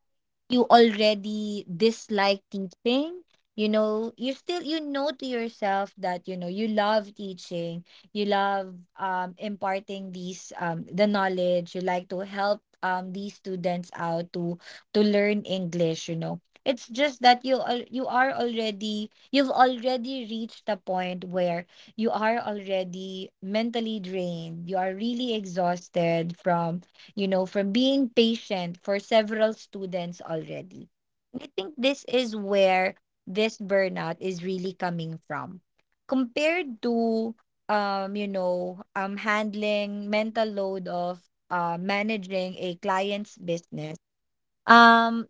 [SPEAKER 2] you already dislike teaching. You know, you still, you know, to yourself that, you know, you love teaching. You love um imparting these, um the knowledge. You like to help, um these students out to to learn English, you know. It's just that you al- you are already you've already reached a point where you are already mentally drained. You are really exhausted from, you know, from being patient for several students already. And I think this is where this burnout is really coming from. Compared to, um, you know, um handling mental load of, uh managing a client's business, um,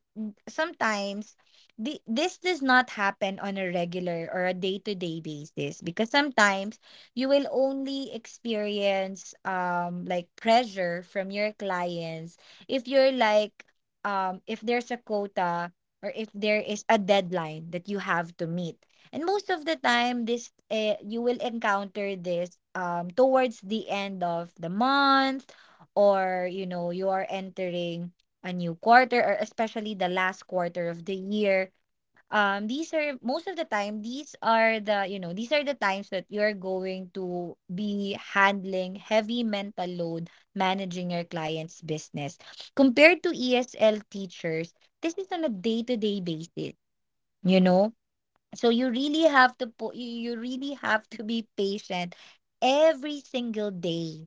[SPEAKER 2] sometimes the, this does not happen on a regular or a day-to-day basis, because sometimes you will only experience um like pressure from your clients if you're like, um if there's a quota, or if there is a deadline that you have to meet. And most of the time this uh, you will encounter this um towards the end of the month, or you know, you are entering a new quarter, or especially the last quarter of the year. Um these are most of the time. These are the you know these are the times that you're going to be handling heavy mental load, managing your clients' business compared to E S L teachers. This is on a day-to-day basis, you know. So you really have to po- you you really have to be patient every single day.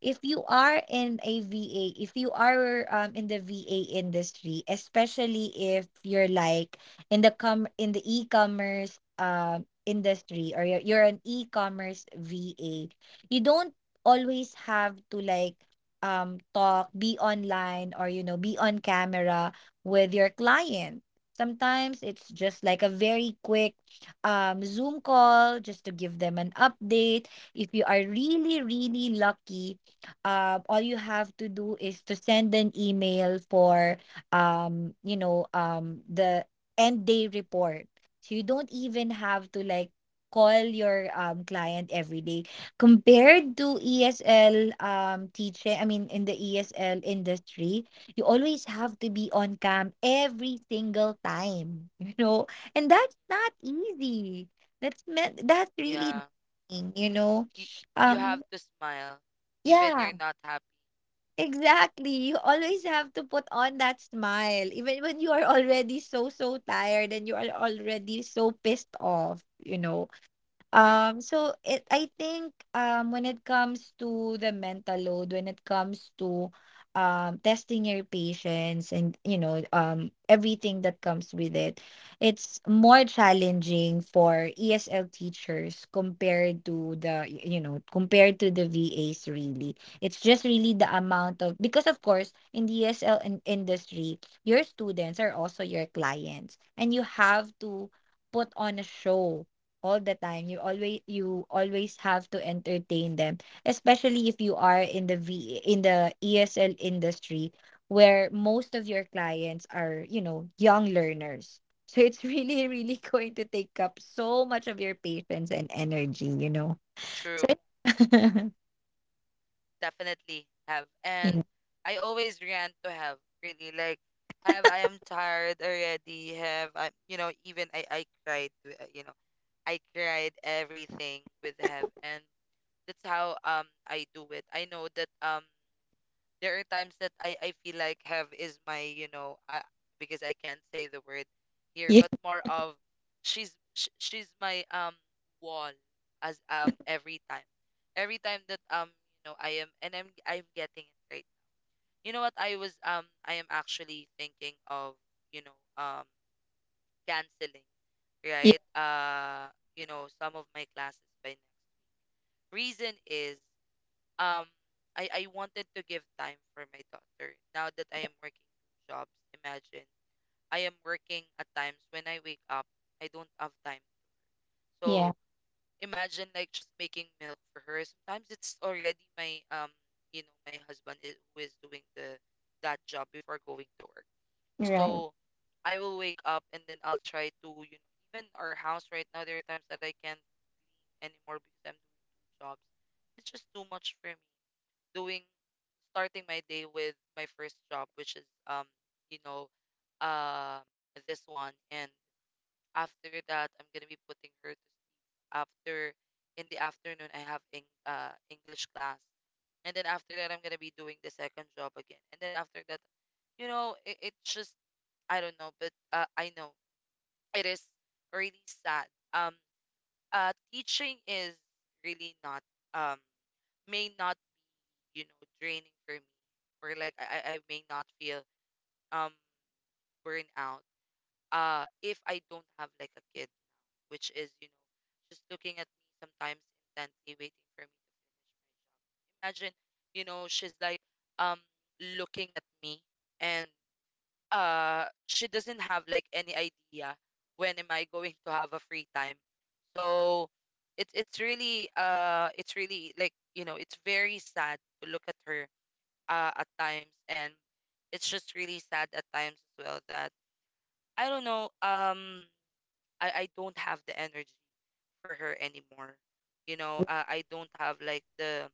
[SPEAKER 2] If you are in a VA, if you are, um, in the VA industry, especially if you're like, in the com in the e-commerce um industry, or you're, you're an e-commerce VA, you don't always have to like, um talk be online, or you know, be on camera with your client. Sometimes it's just like a very quick, um, Zoom call just to give them an update. If you are really, really lucky, uh, all you have to do is to send an email for, um, you know, um, the end day report. So you don't even have to like call your, um, client every day. Compared to E S L, um, teaching, I mean, in the E S L industry, you always have to be on cam every single time, you know? And that's not easy. That's meant that's really
[SPEAKER 1] Yeah.
[SPEAKER 2] thing, you know.
[SPEAKER 1] You, you have
[SPEAKER 2] Um,
[SPEAKER 1] to smile even
[SPEAKER 2] yeah,
[SPEAKER 1] you're not happy.
[SPEAKER 2] exactly. You always have to put on that smile, even when you are already so, so tired and you are already so pissed off, you know.
[SPEAKER 1] True.
[SPEAKER 2] Um, so it I think um when it comes to the mental load, when it comes to um testing your patients, and you know, um everything that comes with it, it's more challenging for E S L teachers compared to the y- you know, compared to the V As, really. It's just really the amount of, because of course in the E S L in- industry, your students are also your clients, and you have to put on a show all the time. You always you always have to entertain them, especially if you are in the V in the E S L industry, where most of your clients are, you know, young learners. So it's really, really going to take up so much of your patience and energy, you know. So
[SPEAKER 1] True, definitely have. And
[SPEAKER 2] yeah.
[SPEAKER 1] I always rant to have, really. Like, have I am tired already. Have I, you know, even I, I cried, to, uh, you know, I cried everything with have. And that's how um I do it. I know that um there are times that I I feel like have is my, you know, I, because I can't say the word here, but
[SPEAKER 2] Yeah.
[SPEAKER 1] more of she's sh- she's my um wall as um every time, every time that um you know I am and I'm I'm getting it right. You know what I was um I am actually thinking of, you know, um, canceling, right, uh, you know, some of my classes by next. Reason is um I I wanted to give time for my daughter. Now that I am working two jobs, imagine I am working at times when I wake up, I don't have time.
[SPEAKER 2] Yeah. Yeah.
[SPEAKER 1] So imagine like just making milk for her. Sometimes it's already my um you know, my husband is, who is doing the that job before going to work.
[SPEAKER 2] Yeah. Right.
[SPEAKER 1] So I will wake up and then I'll try to, you know, even our house right now there are times that I can't anymore because I'm doing two jobs. It's just too much for me doing starting my day with my first job, which is um, you know, uh, this one. And after that, I'm gonna be putting her to sleep. After in the afternoon, I have in, uh, English class, and then after that, I'm gonna be doing the second job again. And then after that, you know, it, it just I don't know, but uh, I know it is really sad. Um, uh, Teaching is really not um may not be, you know, draining for me, or like I, I I may not feel um burnout uh if I don't have like a kid, which is, you know, just looking at me sometimes intently waiting for me to finish. Imagine, you know, she's like um looking at me, and uh she doesn't have like any idea when am I going to have a free time. So it's it's really uh it's really, like, you know, it's very sad to look at her, uh, at times, and it's just really sad at times as well that I don't know. Um, I I don't have the energy for her anymore. You know, I I don't have like the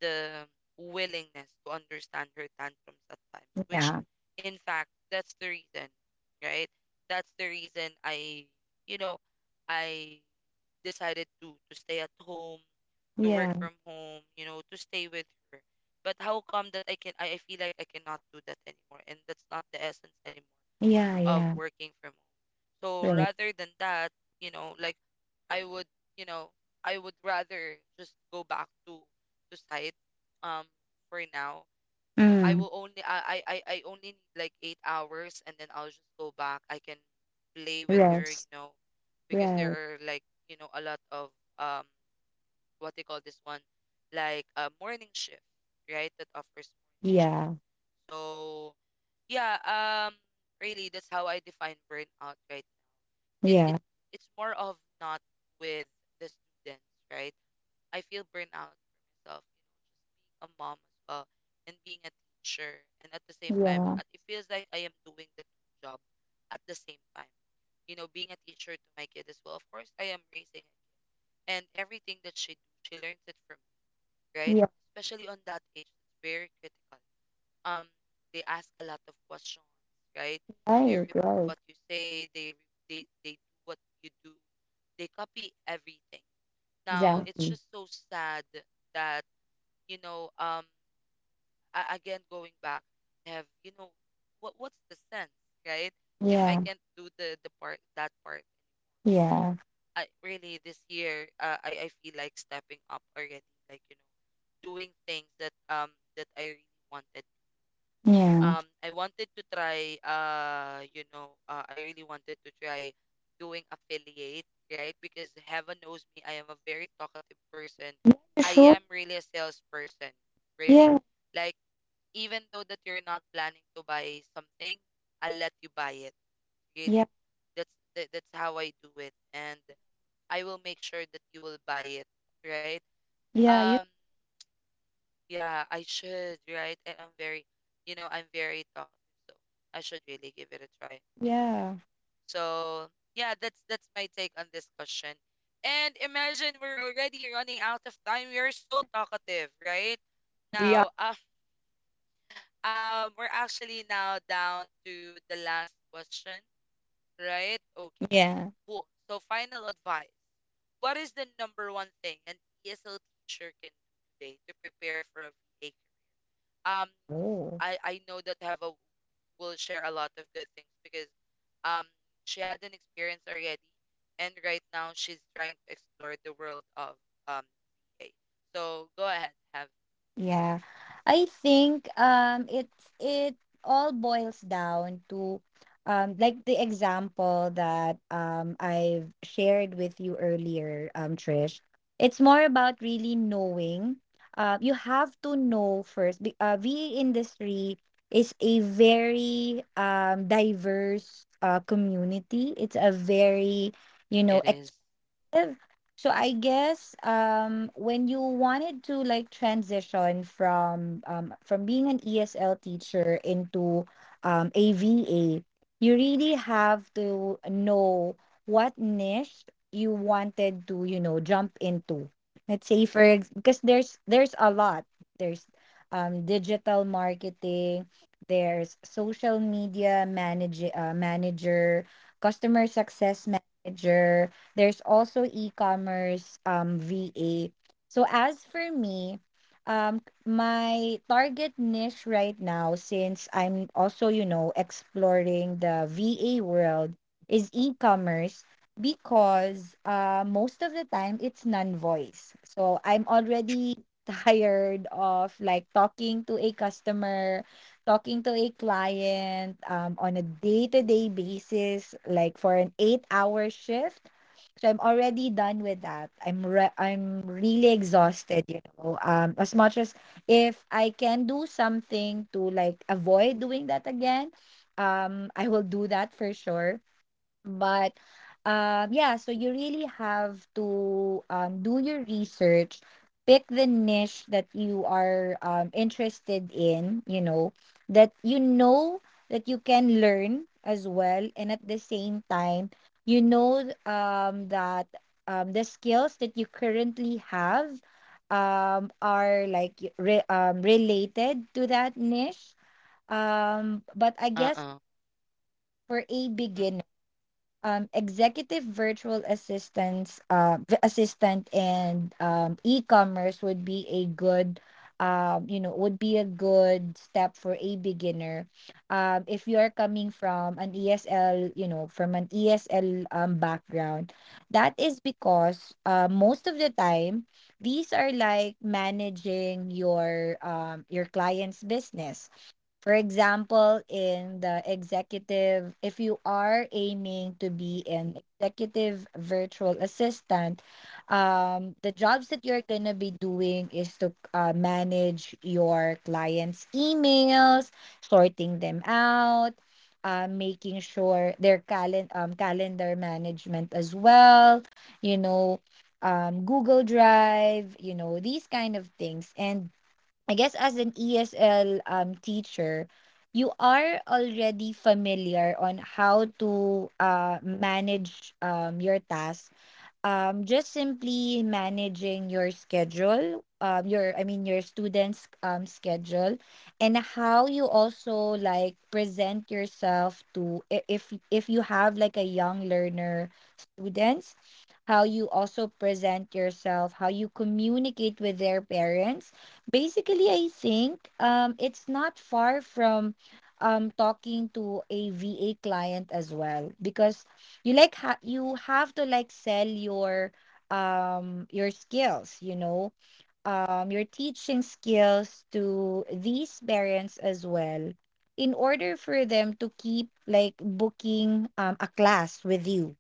[SPEAKER 1] the willingness to understand her tantrums at times, which
[SPEAKER 2] Yeah.
[SPEAKER 1] in fact that's the reason, right? That's the reason I, you know, I decided to to stay at home, to work
[SPEAKER 2] Yeah.
[SPEAKER 1] from home, you know, to stay with her. But how come that I can I I feel like I cannot do that anymore, and that's not the essence anymore
[SPEAKER 2] Yeah.
[SPEAKER 1] of
[SPEAKER 2] Yeah.
[SPEAKER 1] working from home. So
[SPEAKER 2] Right.
[SPEAKER 1] rather than that, you know, like I would, you know, I would rather just go back to to site um for now. I
[SPEAKER 2] Mm.
[SPEAKER 1] will only I I I I only need like eight hours, and then I'll just go back. I can play with her,
[SPEAKER 2] Rest.
[SPEAKER 1] you know, because there
[SPEAKER 2] Right.
[SPEAKER 1] are, like, you know, a lot of um what they call this one, like a morning shift, right? That offers morning shift.
[SPEAKER 2] Yeah.
[SPEAKER 1] So yeah, um really that's how I define burnout right now. It it
[SPEAKER 2] Yeah.
[SPEAKER 1] it's more of not with the students, right? I feel burnout for myself, you know, just being a mom as well, and being a teacher. And at the same time,
[SPEAKER 2] Yeah.
[SPEAKER 1] uh, it feels like I am doing the two job at the same time. You know, being a teacher to my kid as well. Of course, I am raising a kid, and everything that she do, she learns it from me, right?
[SPEAKER 2] Yeah.
[SPEAKER 1] Especially on that age, it's very critical. Um, they ask a lot of questions, right? They
[SPEAKER 2] Right.
[SPEAKER 1] repeat
[SPEAKER 2] Right.
[SPEAKER 1] what you say. They re- they they do what you do. They copy everything. Now it's
[SPEAKER 2] Exactly.
[SPEAKER 1] just so sad that, you know, um a- again going back, have you know what what's the sense, right, if I
[SPEAKER 2] Yeah.
[SPEAKER 1] can't do the the part that part.
[SPEAKER 2] Yeah.
[SPEAKER 1] I really this year, uh, i i feel like stepping up already, like you know, doing things that um that I really wanted.
[SPEAKER 2] Yeah.
[SPEAKER 1] um I wanted to try uh you know, uh, I really wanted to try doing affiliate, right, because heaven knows me I am a very talkative person.
[SPEAKER 2] You
[SPEAKER 1] I
[SPEAKER 2] sure?
[SPEAKER 1] am really a salesperson, really,
[SPEAKER 2] Yeah.
[SPEAKER 1] like, even though that you're not planning to buy something, I'll let you buy it. Really.
[SPEAKER 2] Yeah.
[SPEAKER 1] That's that, that's how I do it, and I will make sure that you will buy it, right?
[SPEAKER 2] Yeah. You.
[SPEAKER 1] Um yeah, I should, right? And I'm very, you know, I'm very talkative, so I should really give it a try. Um,
[SPEAKER 2] Yeah.
[SPEAKER 1] so yeah, that's that's my take on this question. And imagine we're already running out of time. We're so talkative, right?
[SPEAKER 2] We are.
[SPEAKER 1] Now, um, Um, we're actually now down to the last question, right? Okay,
[SPEAKER 2] Yeah.
[SPEAKER 1] cool. So, final advice. What is the number one thing an E S L teacher can do today to prepare for a V A career? Um,
[SPEAKER 2] Oh.
[SPEAKER 1] I, I know that Heva will share a lot of good things because um she had an experience already, and right now she's trying to explore the world of um V A. So go ahead, have
[SPEAKER 2] Yeah. I think, um it's it all boils down to, um like the example that, um I've shared with you earlier, um Trish. It's more about really knowing. Uh, you have to know first. be- Uh, V A industry is a very um diverse uh community. It's a very, you know,
[SPEAKER 1] it is.
[SPEAKER 2] perspective. So I guess, um when you wanted to like transition from um from being an E S L teacher into um a V A, you really have to know what niche you wanted to, you know, jump into. Let's say for ex- because there's there's a lot. There's, um digital marketing, there's social media manage uh, manager, customer success manager, there's also e-commerce, um, V A. So as for me, um, my target niche right now, since I'm also, you know, exploring the V A world, is e-commerce, because, uh, most of the time it's non-voice. So I'm already tired of like talking to a customer, talking to a client, um, on a day-to-day basis like for an eight hour shift. So I'm already done with that. I'm re- I'm really exhausted, you know. Um as much as, if I can do something to like avoid doing that again, um I will do that for sure. But, um, yeah, so you really have to, um, do your research, pick the niche that you are, um, interested in, you know, that you know that you can learn as well. And at the same time, you know, um, that, um, the skills that you currently have, um, are like, y- re- um, related to that niche. Um, but I guess
[SPEAKER 1] Uh-uh.
[SPEAKER 2] for a beginner, um, executive virtual assistants, uh, v- assistant and, um, e-commerce would be a good, um, you know, would be a good step for a beginner. Um, if you are coming from an E S L, you know, from an E S L, um, background, that is because, uh, most of the time these are like managing your, um, your client's business. For example, in the executive, if you are aiming to be an executive virtual assistant, um, the jobs that you're going to be doing is to, uh, manage your clients' emails, sorting them out, uh, making sure their, calen- um, calendar management as well, you know, um, Google Drive, you know, these kind of things. And I guess as an E S L um teacher, you are already familiar on how to uh manage um your tasks, um just simply managing your schedule, um your I mean your students um schedule, and how you also like present yourself to, i- if if you have like a young learner students, how you also present yourself, how you communicate with their parents. Basically, I think, um it's not far from, um talking to a VA client as well, because you like, ha- you have to like sell your, um your skills, you know, um your teaching skills to these parents as well, in order for them to keep like booking um a class with you.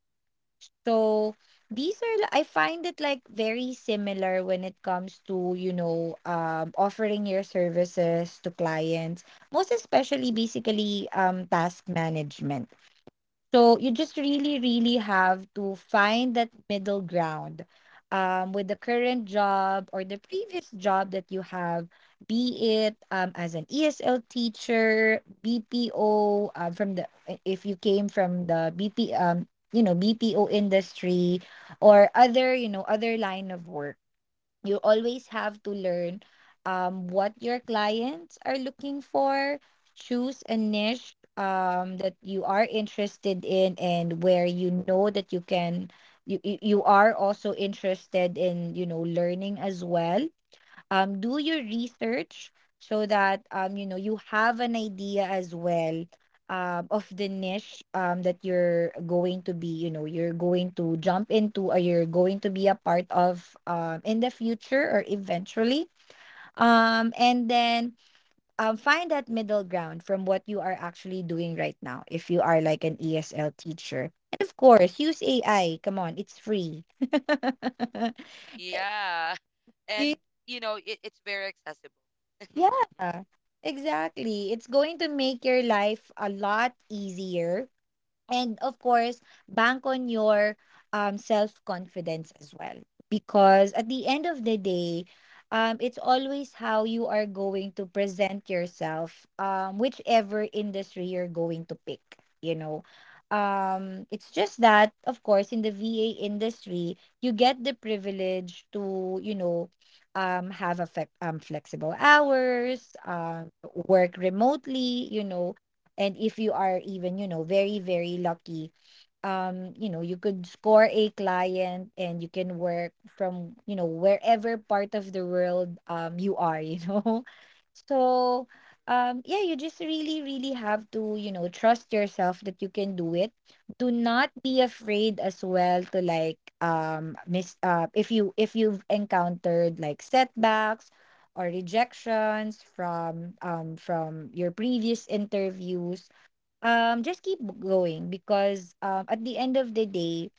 [SPEAKER 2] So, these are li- I find it like very similar, when it comes to, you know, um offering your services to clients, most especially basically um task management. So you just really, really have to find that middle ground, um, with the current job or the previous job that you have, be it, um, as an E S L teacher, B P O, um, from the, i- if you came from the B P, um, you know, B P O industry, or other, you know, other line of work, you always have to learn, um, what your clients are looking for, choose a niche, um, that you are interested in, and where you know that you can you, you you are also interested in, you know, learning as well, um, do your research, so that, um, you know, you have an idea as well, um, of the niche, um, that you're going to be, you know, you're going to jump into, or you're going to be a part of, um, in the future or eventually, um, and then, um, find that middle ground from what you are actually doing right now, if you are like an ESL teacher, and of course use AI. Come on, it's free.
[SPEAKER 1] Yeah. And
[SPEAKER 2] Use
[SPEAKER 1] you know, it, it's very accessible.
[SPEAKER 2] Yeah, exactly. It's going to make your life a lot easier, and of course bank on your, um self confidence as well, because at the end of the day, um it's always how you are going to present yourself, um whichever industry you're going to pick, you know. Um it's just that of course in the V A industry, you get the privilege to, you know, um have a, flex um flexible hours, um work remotely, you know. And if you are even, you know, very, very lucky, um you know, you could score a client and you can work from, you know, wherever part of the world um you are, you know. So, um yeah, you just really, really have to, you know, trust yourself that you can do it. Do not be afraid as well to like, um miss uh if you if you've encountered like setbacks or rejections from um from your previous interviews, um, just keep going, because, um, at the end of the day,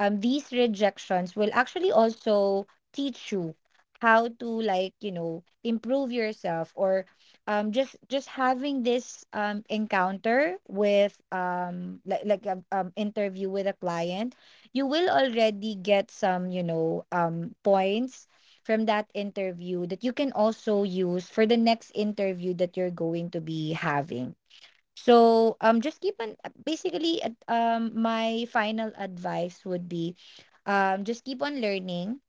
[SPEAKER 2] um, these rejections will actually also teach you how to like, you know, improve yourself, or um just just having this um encounter with, um like like a um interview with a client, you will already get some, you know, um points from that interview that you can also use for the next interview that you're going to be having. So, um just keep on, uh, basically, at- um my final advice would be, um just keep on learning.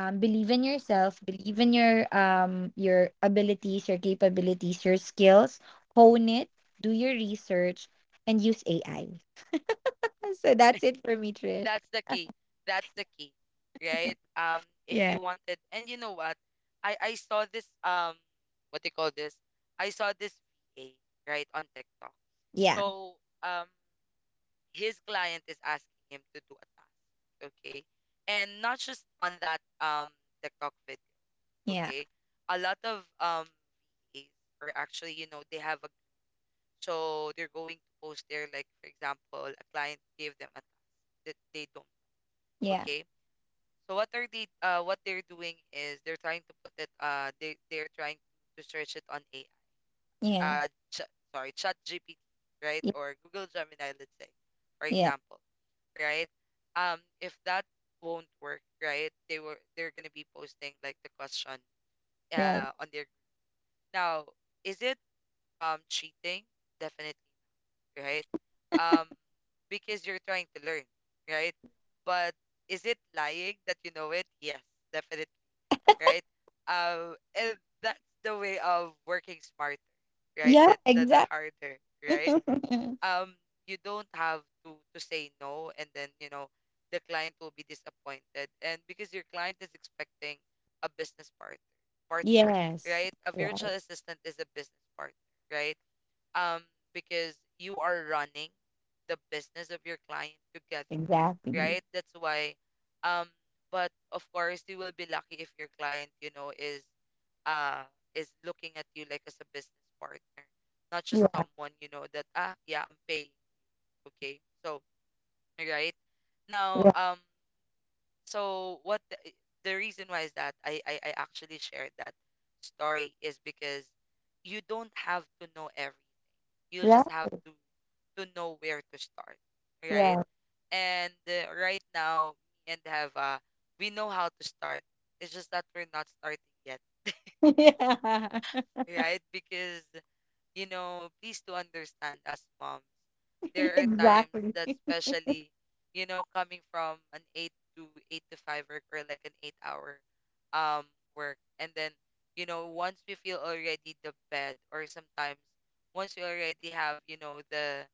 [SPEAKER 2] Um believe in yourself, believe in your, um your abilities, your capabilities, your skills, hone it, do your research, and use A I. So that's it for me, Trish.
[SPEAKER 1] That's the key. That's the key. Right? Um, if you
[SPEAKER 2] Yeah.
[SPEAKER 1] wanted and you know what? I I saw this um what they call this? I saw this V A, right, on TikTok.
[SPEAKER 2] Yeah.
[SPEAKER 1] So, um his client is asking him to do a task, okay? And not just on that um TikTok video,
[SPEAKER 2] Yeah.
[SPEAKER 1] okay? A lot of um V As are actually, you know, they have So they're going to post there, like for example, a client gave them a task that they don't do,
[SPEAKER 2] Yeah.
[SPEAKER 1] okay. So what are they? Uh, what they're doing is they're trying to put it. Uh, they they're trying to search it on A I.
[SPEAKER 2] Yeah.
[SPEAKER 1] Uh, ch- sorry, Chat G P T, right?
[SPEAKER 2] Yeah.
[SPEAKER 1] Or Google Gemini, let's say, for
[SPEAKER 2] Yeah.
[SPEAKER 1] example, right? Um, if that won't work, right? They were they're gonna be posting like the question,
[SPEAKER 2] Right.
[SPEAKER 1] uh, on their group. Now. Is it um cheating? Definitely, right? Um, because you're trying to learn, right? But is it lying that you know it? Yes, definitely, right? Um, and that's the way of working smarter, right?
[SPEAKER 2] Yeah,
[SPEAKER 1] That the, the
[SPEAKER 2] exactly.
[SPEAKER 1] harder, right? Um, you don't have to to say no, and then you know the client will be disappointed, and because your client is expecting a business partner, partner,
[SPEAKER 2] Yes.
[SPEAKER 1] right? A
[SPEAKER 2] Yeah,
[SPEAKER 1] virtual assistant is a business partner, right? um because you are running the business of your client together,
[SPEAKER 2] exactly.
[SPEAKER 1] right, that's why um but of course you will be lucky if your client you know is uh is looking at you like as a business partner, not just
[SPEAKER 2] Yeah.
[SPEAKER 1] someone you know that ah yeah I'm paying okay. So right now
[SPEAKER 2] Yeah.
[SPEAKER 1] um So what the, the reason why is that I, I i actually shared that story is because you don't have to know everything, you
[SPEAKER 2] Right.
[SPEAKER 1] just have to to know where to start, right?
[SPEAKER 2] Yeah.
[SPEAKER 1] And uh, right now, me and Hava, we know how to start. It's just that we're not starting yet,
[SPEAKER 2] Yeah.
[SPEAKER 1] right? Because you know, please do understand us moms. There are times
[SPEAKER 2] Exactly.
[SPEAKER 1] that especially, you know, coming from an eight to eight to five work or like an eight hour um work. And then, you know, once we feel already the bed, or sometimes once we already have, you know, the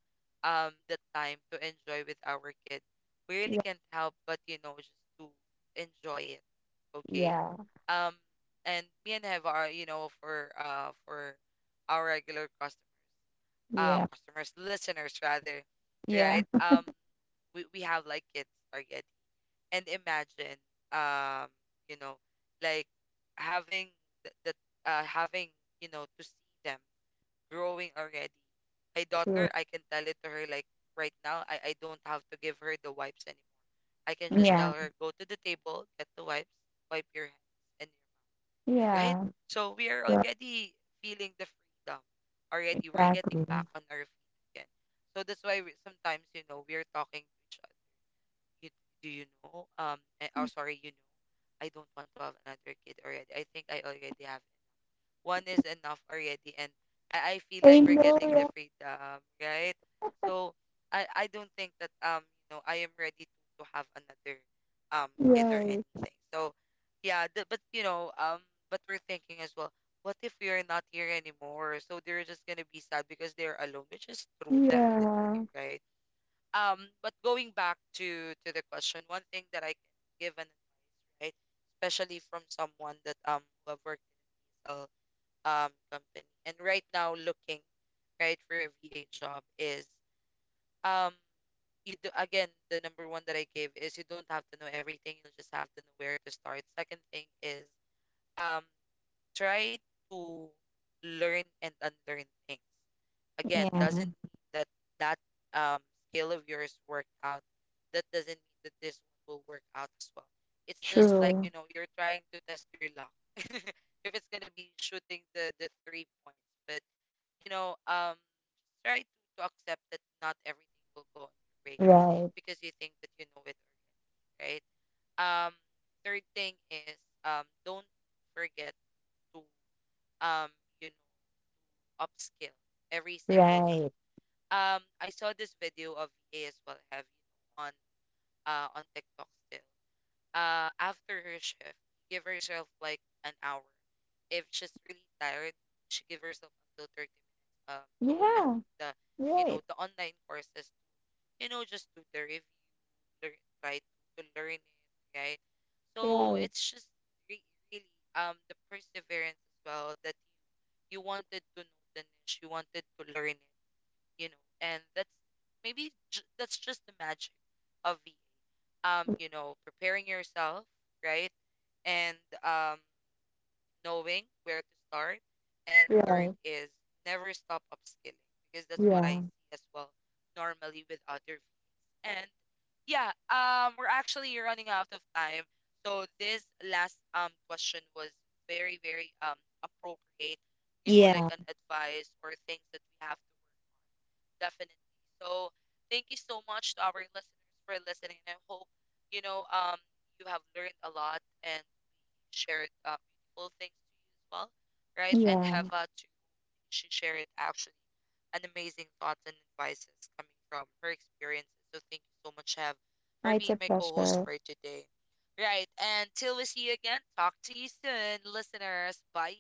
[SPEAKER 1] um the time to enjoy with our kid, we really
[SPEAKER 2] Yeah.
[SPEAKER 1] can't help but, you know, just to enjoy it. Okay.
[SPEAKER 2] Yeah.
[SPEAKER 1] Um and me and Heva are, you know, for uh for our regular customers, uh,
[SPEAKER 2] Yeah.
[SPEAKER 1] customers, listeners rather, right?
[SPEAKER 2] Yeah.
[SPEAKER 1] Um, we, we have like kids already, and imagine, um, you know, like having the, the uh, having you know to see them growing already. My
[SPEAKER 2] True.
[SPEAKER 1] daughter, I can tell it to her like right now. I I don't have to give her the wipes anymore. I can just
[SPEAKER 2] Yeah.
[SPEAKER 1] tell her go to the table, get the wipes, wipe your hands and your mouth, right?
[SPEAKER 2] Yeah.
[SPEAKER 1] So we are
[SPEAKER 2] Yeah.
[SPEAKER 1] already feeling the freedom already. We're getting
[SPEAKER 2] Exactly.
[SPEAKER 1] back on our feet again. So that's why we, sometimes, you know, we're talking, you, do you know? Um, eh, oh, sorry, you know, I don't want to have another kid already. I think I already have one is enough already, and I, I feel
[SPEAKER 2] I
[SPEAKER 1] like we're
[SPEAKER 2] know.
[SPEAKER 1] getting the
[SPEAKER 2] Yeah.
[SPEAKER 1] freedom right, so I I don't think that um you know I am ready to to have another um kid or
[SPEAKER 2] Right.
[SPEAKER 1] anything. So yeah the, but you know um but we're thinking as well what if we are not here anymore, so they're just gonna be sad because they're alone, which is true, definitely,
[SPEAKER 2] Yeah.
[SPEAKER 1] right? Um but going back to to the question, one thing that I can give an advice, right, especially from someone that um who have worked in S L um company. And right now looking right for a V A job is um you do again the number one that I gave is you don't have to know everything, you just have to know where to start. Second thing is um try to learn and unlearn things. Again,
[SPEAKER 2] Yeah.
[SPEAKER 1] doesn't mean that that um skill of yours worked out. That doesn't mean that this one will work out as well. It's just like,
[SPEAKER 2] True.
[SPEAKER 1] you know, you're trying to test your luck. If it's gonna be shooting the the three points, but you know, um, just try to, to accept that not everything will go your way just
[SPEAKER 2] Right.
[SPEAKER 1] because you think that you know it already, right? Um, third thing is um, don't forget to, um, you know, upskill every single time.
[SPEAKER 2] Right.
[SPEAKER 1] Um, I saw this video of V A as well. I Have you know on uh on TikTok still. Uh, after her shift, give herself like an hour. If she's really tired, she give herself until thirty minutes um to open
[SPEAKER 2] Yeah.
[SPEAKER 1] like the you know
[SPEAKER 2] Right.
[SPEAKER 1] the online courses, you know, just do the review, learn, try to to learn it, right? So
[SPEAKER 2] Right.
[SPEAKER 1] it's just re- really um the perseverance as well that you you wanted to know the niche, you wanted to learn it, you know, and that's maybe j- that's just the magic of va, um you know, preparing yourself, right? And um knowing where to start, and third
[SPEAKER 2] Right.
[SPEAKER 1] is never stop upskilling, because that's what I
[SPEAKER 2] Yeah.
[SPEAKER 1] see as well normally with other fees. And yeah, um we're actually running out of time, so this last um question was very very um appropriate, you know, like
[SPEAKER 2] Yeah.
[SPEAKER 1] an advice or things that we have to work definitely. So thank you so much to our listeners for listening. And I hope you know um you have learned a lot and we shared, uh, beautiful things to you as well, right? And
[SPEAKER 2] Yeah.
[SPEAKER 1] have, uh, to she shared actually an amazing thoughts and advices coming from her experiences. So thank you so much, Have,
[SPEAKER 2] Oh,
[SPEAKER 1] for
[SPEAKER 2] it's
[SPEAKER 1] being
[SPEAKER 2] a
[SPEAKER 1] my co-host
[SPEAKER 2] pleasure.
[SPEAKER 1] for today. Right, and till we see you again, talk to you soon, listeners. Bye.